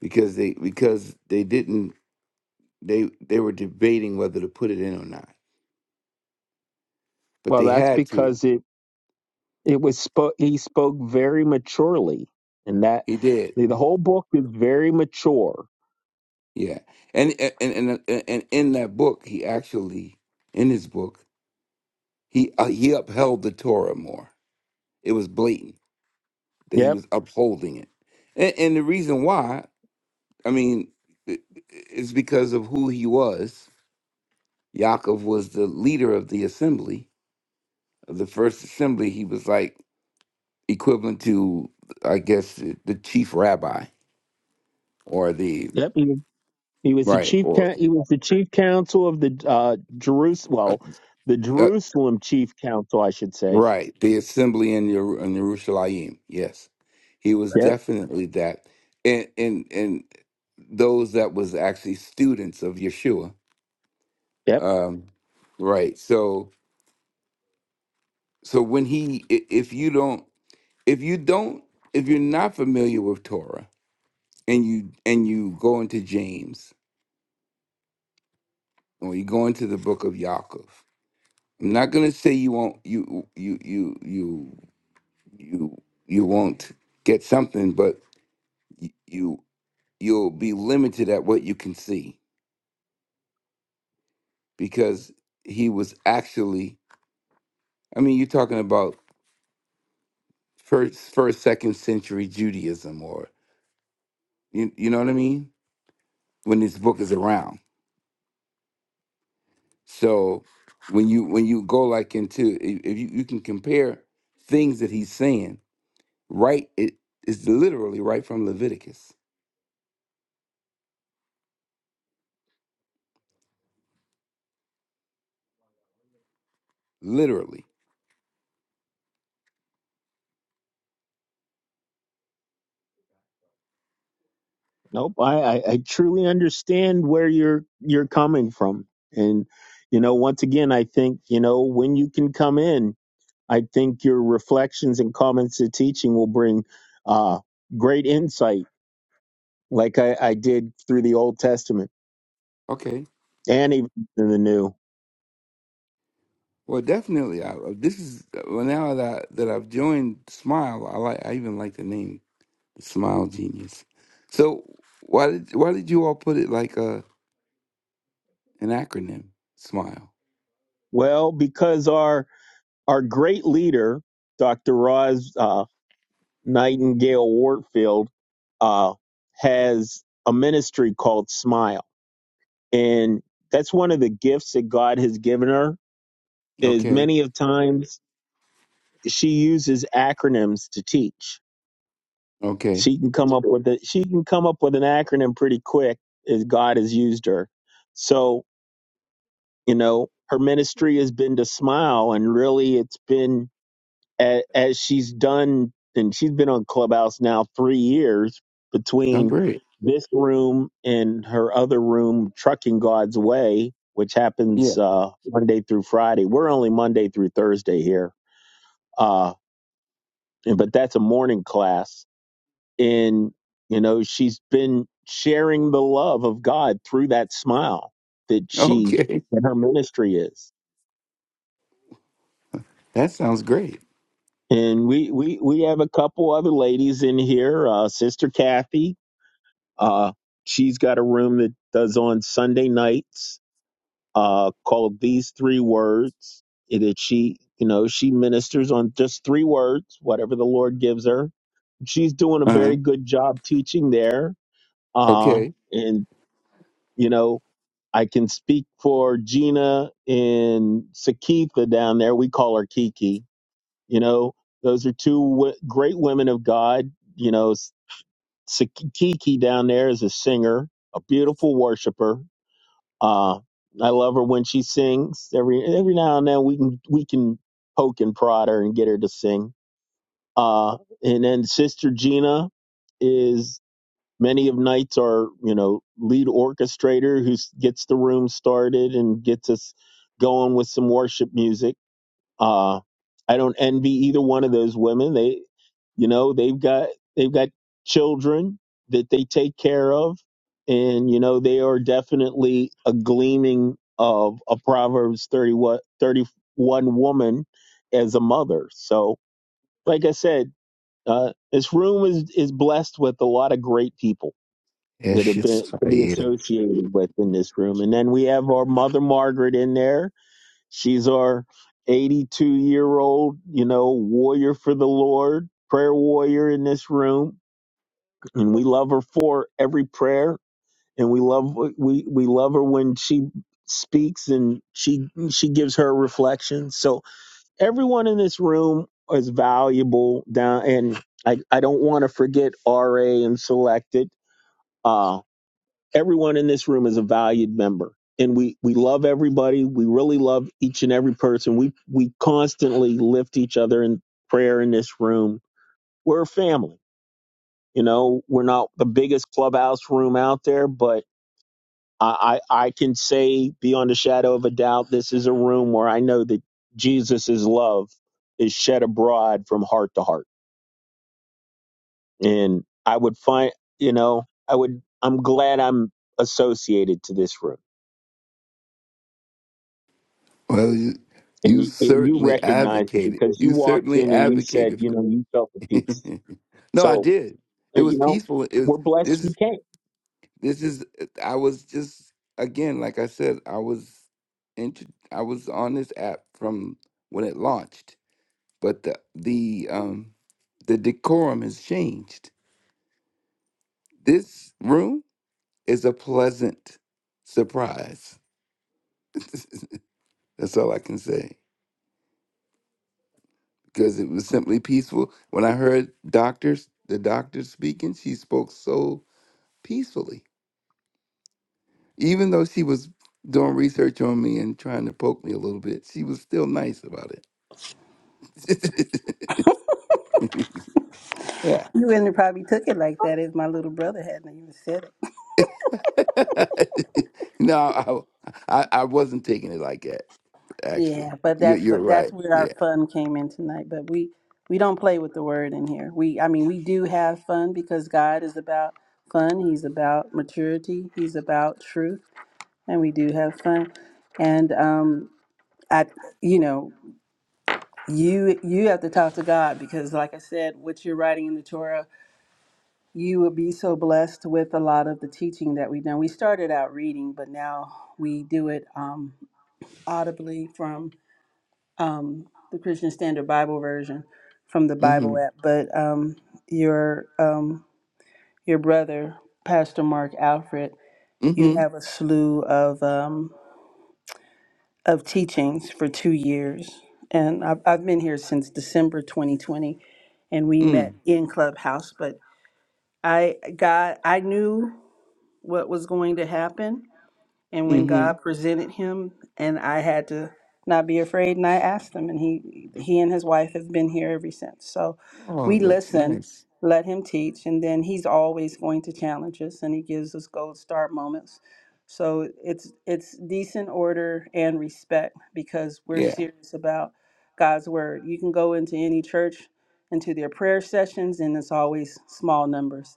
because they because they didn't they they were debating whether to put it in or not, but Well, they that's had to. because it it was spoke. He spoke very maturely, and that He did, the, the whole book is very mature. yeah. And and and and, and in that book, he actually in his book he uh, he upheld the Torah more. It was blatant that he Yep. was upholding it, and, and the reason why I mean i- i- it's because of who he was. Yaakov was the leader of the assembly of the first assembly. He was like equivalent to, I guess, the the chief rabbi or the Yep. He, he was the right chief. or coun- He was the chief counsel of the uh, Jerusalem. uh, Well, the uh, Jerusalem chief counsel, I should say. right the assembly in Yeru- in Jerusalem. Yes, he was Yep. definitely that, and and and those that was actually students of Yeshua. Yep. Um, right. So so when he, i- if you don't, if you don't, if you're not familiar with Torah and you and you go into James or you go into the book of Yaakov I'm not gonna say you won't you you you you you you won't get something, but y- you you'll be limited at what you can see because he was actually. I mean, you're talking about first first second century Judaism, or you you know what I mean when this book is around. So when you when you go like into i- if you, you can compare things that he's saying, right? It is literally right from Leviticus, literally. Nope, I, I, I truly understand where you're you're coming from, and you know, once again, I think you know when you can come in, I think your reflections and comments to teaching will bring uh, great insight, like I, I did through the Old Testament Okay and even in the New. Well, definitely. I, uh, this is uh, well now that that I've joined Smile. I like. I even like the name Smile Genius. So why did why did you all put it like a an acronym? Smile. Well, because our our great leader, Dr. Roz uh, Nightingale Wartfield, uh, has a ministry called Smile and that's one of the gifts that god has given her is Okay. many of times she uses acronyms to teach Okay. she can come up with a she can come up with an acronym pretty quick as god has used her so you know her ministry has been to smile and really it's been as, as she's done, and she's been on Clubhouse now three years Oh, between great. this room and her other room, Trucking God's Way, which Yeah. happens uh, Monday through Friday. We're only Monday through Thursday here, uh, and- but that's a morning class. And, you know, she's been sharing the love of God through that smile that she, Okay. that her ministry is. That sounds great. And we, we, we have a couple other ladies in here, uh, Sister Kathy, Uh, she's got a room that does on Sunday nights uh, called These Three Words. It is she, you know, she ministers on just three words, whatever the Lord gives her. She's doing a Uh huh. very good job teaching there. Uh, Okay. and, you know, I can speak for Gina and Sakitha down there. We call her Kiki. You know, those are two w- great women of God. You know, Sakiki down there is a singer, a beautiful worshiper. Uh, I love her when she sings. Every every now and then we can we can poke and prod her and get her to sing. Uh, and then Sister Gina is many of nights our you know lead orchestrator who s- gets the room started and gets us going with some worship music uh, I don't envy either one of those women. They, you know, they've got they've got children that they take care of, and you know they are definitely a gleaming of a Proverbs 31, 31 woman as a mother. So, like I said, uh, this room is is blessed with a lot of great people that Yes, have been yes, to I be am. associated with in this room, and then we have our mother Margaret in there She's our 82 year old, you know, warrior for the Lord, prayer warrior in this room, and we love her for every prayer, and we love we we love her when she speaks and she she gives her reflections. So everyone in this room is valuable down and I, I don't want to forget RA and selected. uh, everyone in this room is a valued member and we we love everybody we really love each and every person we we constantly lift each other in prayer in this room we're a family you know we're not the biggest clubhouse room out there but i i, I can say beyond a shadow of a doubt this is a room where i know that jesus' love is shed abroad from heart to heart and i would find you know i would i'm glad i'm associated to this room Well, you, and you you, and you certainly recognized it advocated. because you You walked certainly in and you said, advocated you for. know, you felt the peace. no, I So, did. uh, It you was know, peaceful. It we're was. blessed This you is came. this is i was just again like i said i was into i was on this app from when it launched but the the um the decorum has changed this room is a pleasant surprise that's all i can say because it was simply peaceful when i heard doctors the doctor speaking she spoke so peacefully even though she was doing research on me and trying to poke me a little bit she was still nice about it yeah. You wouldn't have probably took it like that if my little brother hadn't even said it. no, I, I I wasn't taking it like that. Actually, Yeah, but you're that's you're that's right. where our Yeah. fun came in tonight. But we we don't play with the word in here. We I mean we do have fun because God is about fun. He's about maturity. He's about truth, and we do have fun. And um, I, you know, you you have to talk to God because, like I said, what you're writing in the Torah, you will be so blessed with a lot of the teaching that we've done. We started out reading, but now we do it um, audibly from um, the Christian Standard Bible version from the Mm-hmm. Bible app. But um, your um, your brother, Pastor Mark Alfred, you Mm-hmm. have a slew of. um, of teachings for two years. And I've, I've been here since December 2020, and we met Mm. in Clubhouse. But I, God, I knew what was going to happen. And when Mm-hmm. God presented him, and I had to not be afraid, and I asked him, and he he and his wife have been here ever since. So Oh, we that's listen, nice. let him teach, and then he's always going to challenge us, and he gives us gold star moments. So it's it's decent order and respect because we're Yeah. serious about God's word. You can go into any church, into their prayer sessions, and it's always small numbers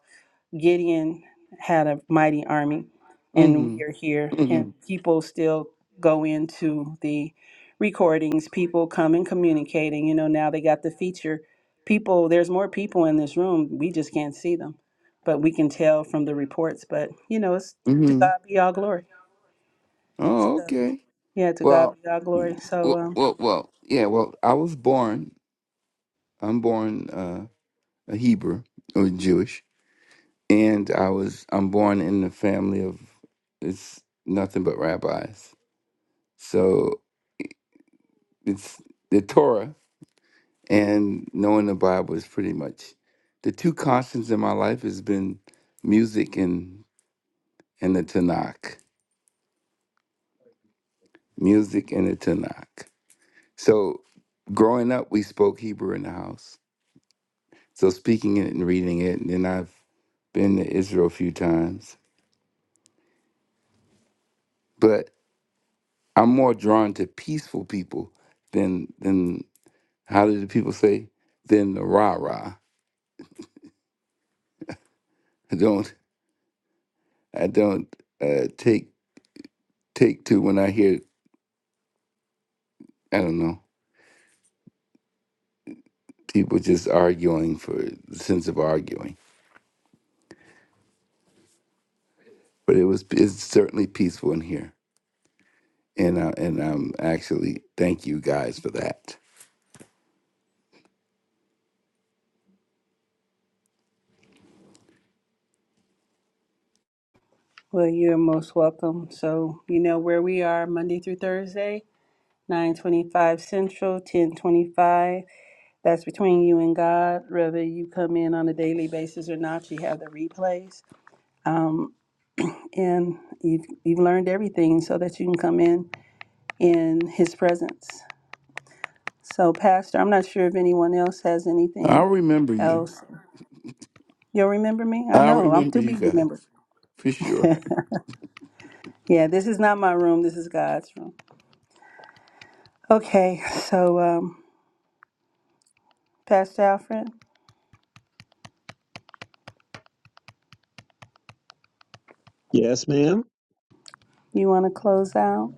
Gideon had a mighty army, and Mm-hmm. we are here. And Mm-hmm. people still go into the recordings. People come and communicating. You know, now they got the feature. People, there's more people in this room. We just can't see them, but we can tell from the reports. But you know, it's to Mm-hmm. God be all glory. Oh, So okay. yeah, to God Well, be all mm, glory. So well, um, well, well, yeah. Well, I was born. I'm born uh, a Hebrew or Jewish, and I was I'm born in a family of it's nothing but rabbis. So it's the Torah and knowing the Bible is pretty much the two constants in my life has been music and and the Tanakh, music and the Tanakh. So growing up, we spoke Hebrew in the house, so speaking it and reading it, and then I've been to Israel a few times, but I'm more drawn to peaceful people than than how do the people say than the rah rah. I don't I don't uh, take take to when I hear I don't know, people just arguing for the sense of arguing. But it was it's certainly peaceful in here, and uh, and am actually thank you guys for that. well, you're most welcome. So you know where we are Monday through Thursday, nine twenty-five Central, ten twenty-five. That's between you and God, whether you come in on a daily basis or not. You have the replays, um, and you've you've learned everything so that you can come in in His presence. So, Pastor, I'm not sure if anyone else has I'll anything remember you. else. You'll remember me? I I'll know I'm remember to you be guys remembered. for sure. yeah, this is not my room. This is God's room. Okay, so um, Pastor Alfred, Yes, ma'am. you want to close out?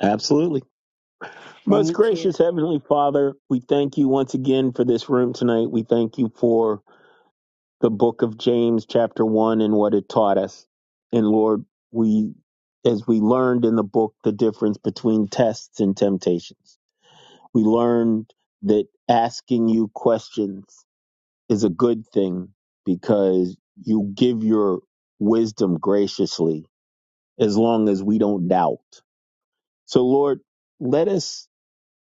Absolutely. Most Thank you. gracious Heavenly Father, we thank you once again for this room tonight. We thank you for the book of James, chapter one, and what it taught us. And Lord, we, as we learned in the book, the difference between tests and temptations, we learned that asking you questions is a good thing because you give your wisdom graciously as long as we don't doubt. So, Lord, let us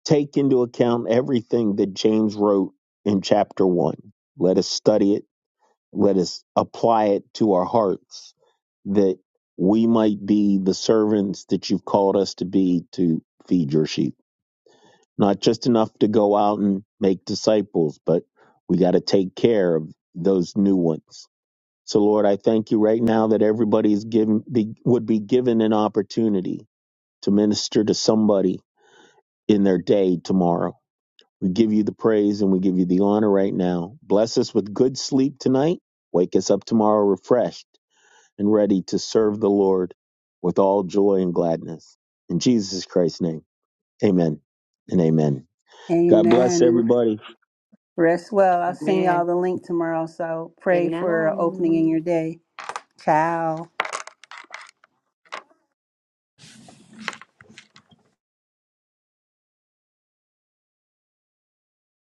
take into account everything that James wrote in chapter one. Let us study it, let us apply it to our hearts that we might be the servants that you've called us to be to feed your sheep. Not just enough to go out and make disciples, but we got to take care of those new ones so, Lord, I thank you right now that everybody is given be, would be given an opportunity to minister to somebody in their day tomorrow. We give you the praise and we give you the honor right now. Bless us with good sleep tonight. Wake us up tomorrow refreshed and ready to serve the Lord with all joy and gladness. In Jesus Christ's name, amen and amen. God bless Amen. everybody. Rest well. I'll send y'all the link tomorrow. So pray for an opening in your day. Ciao.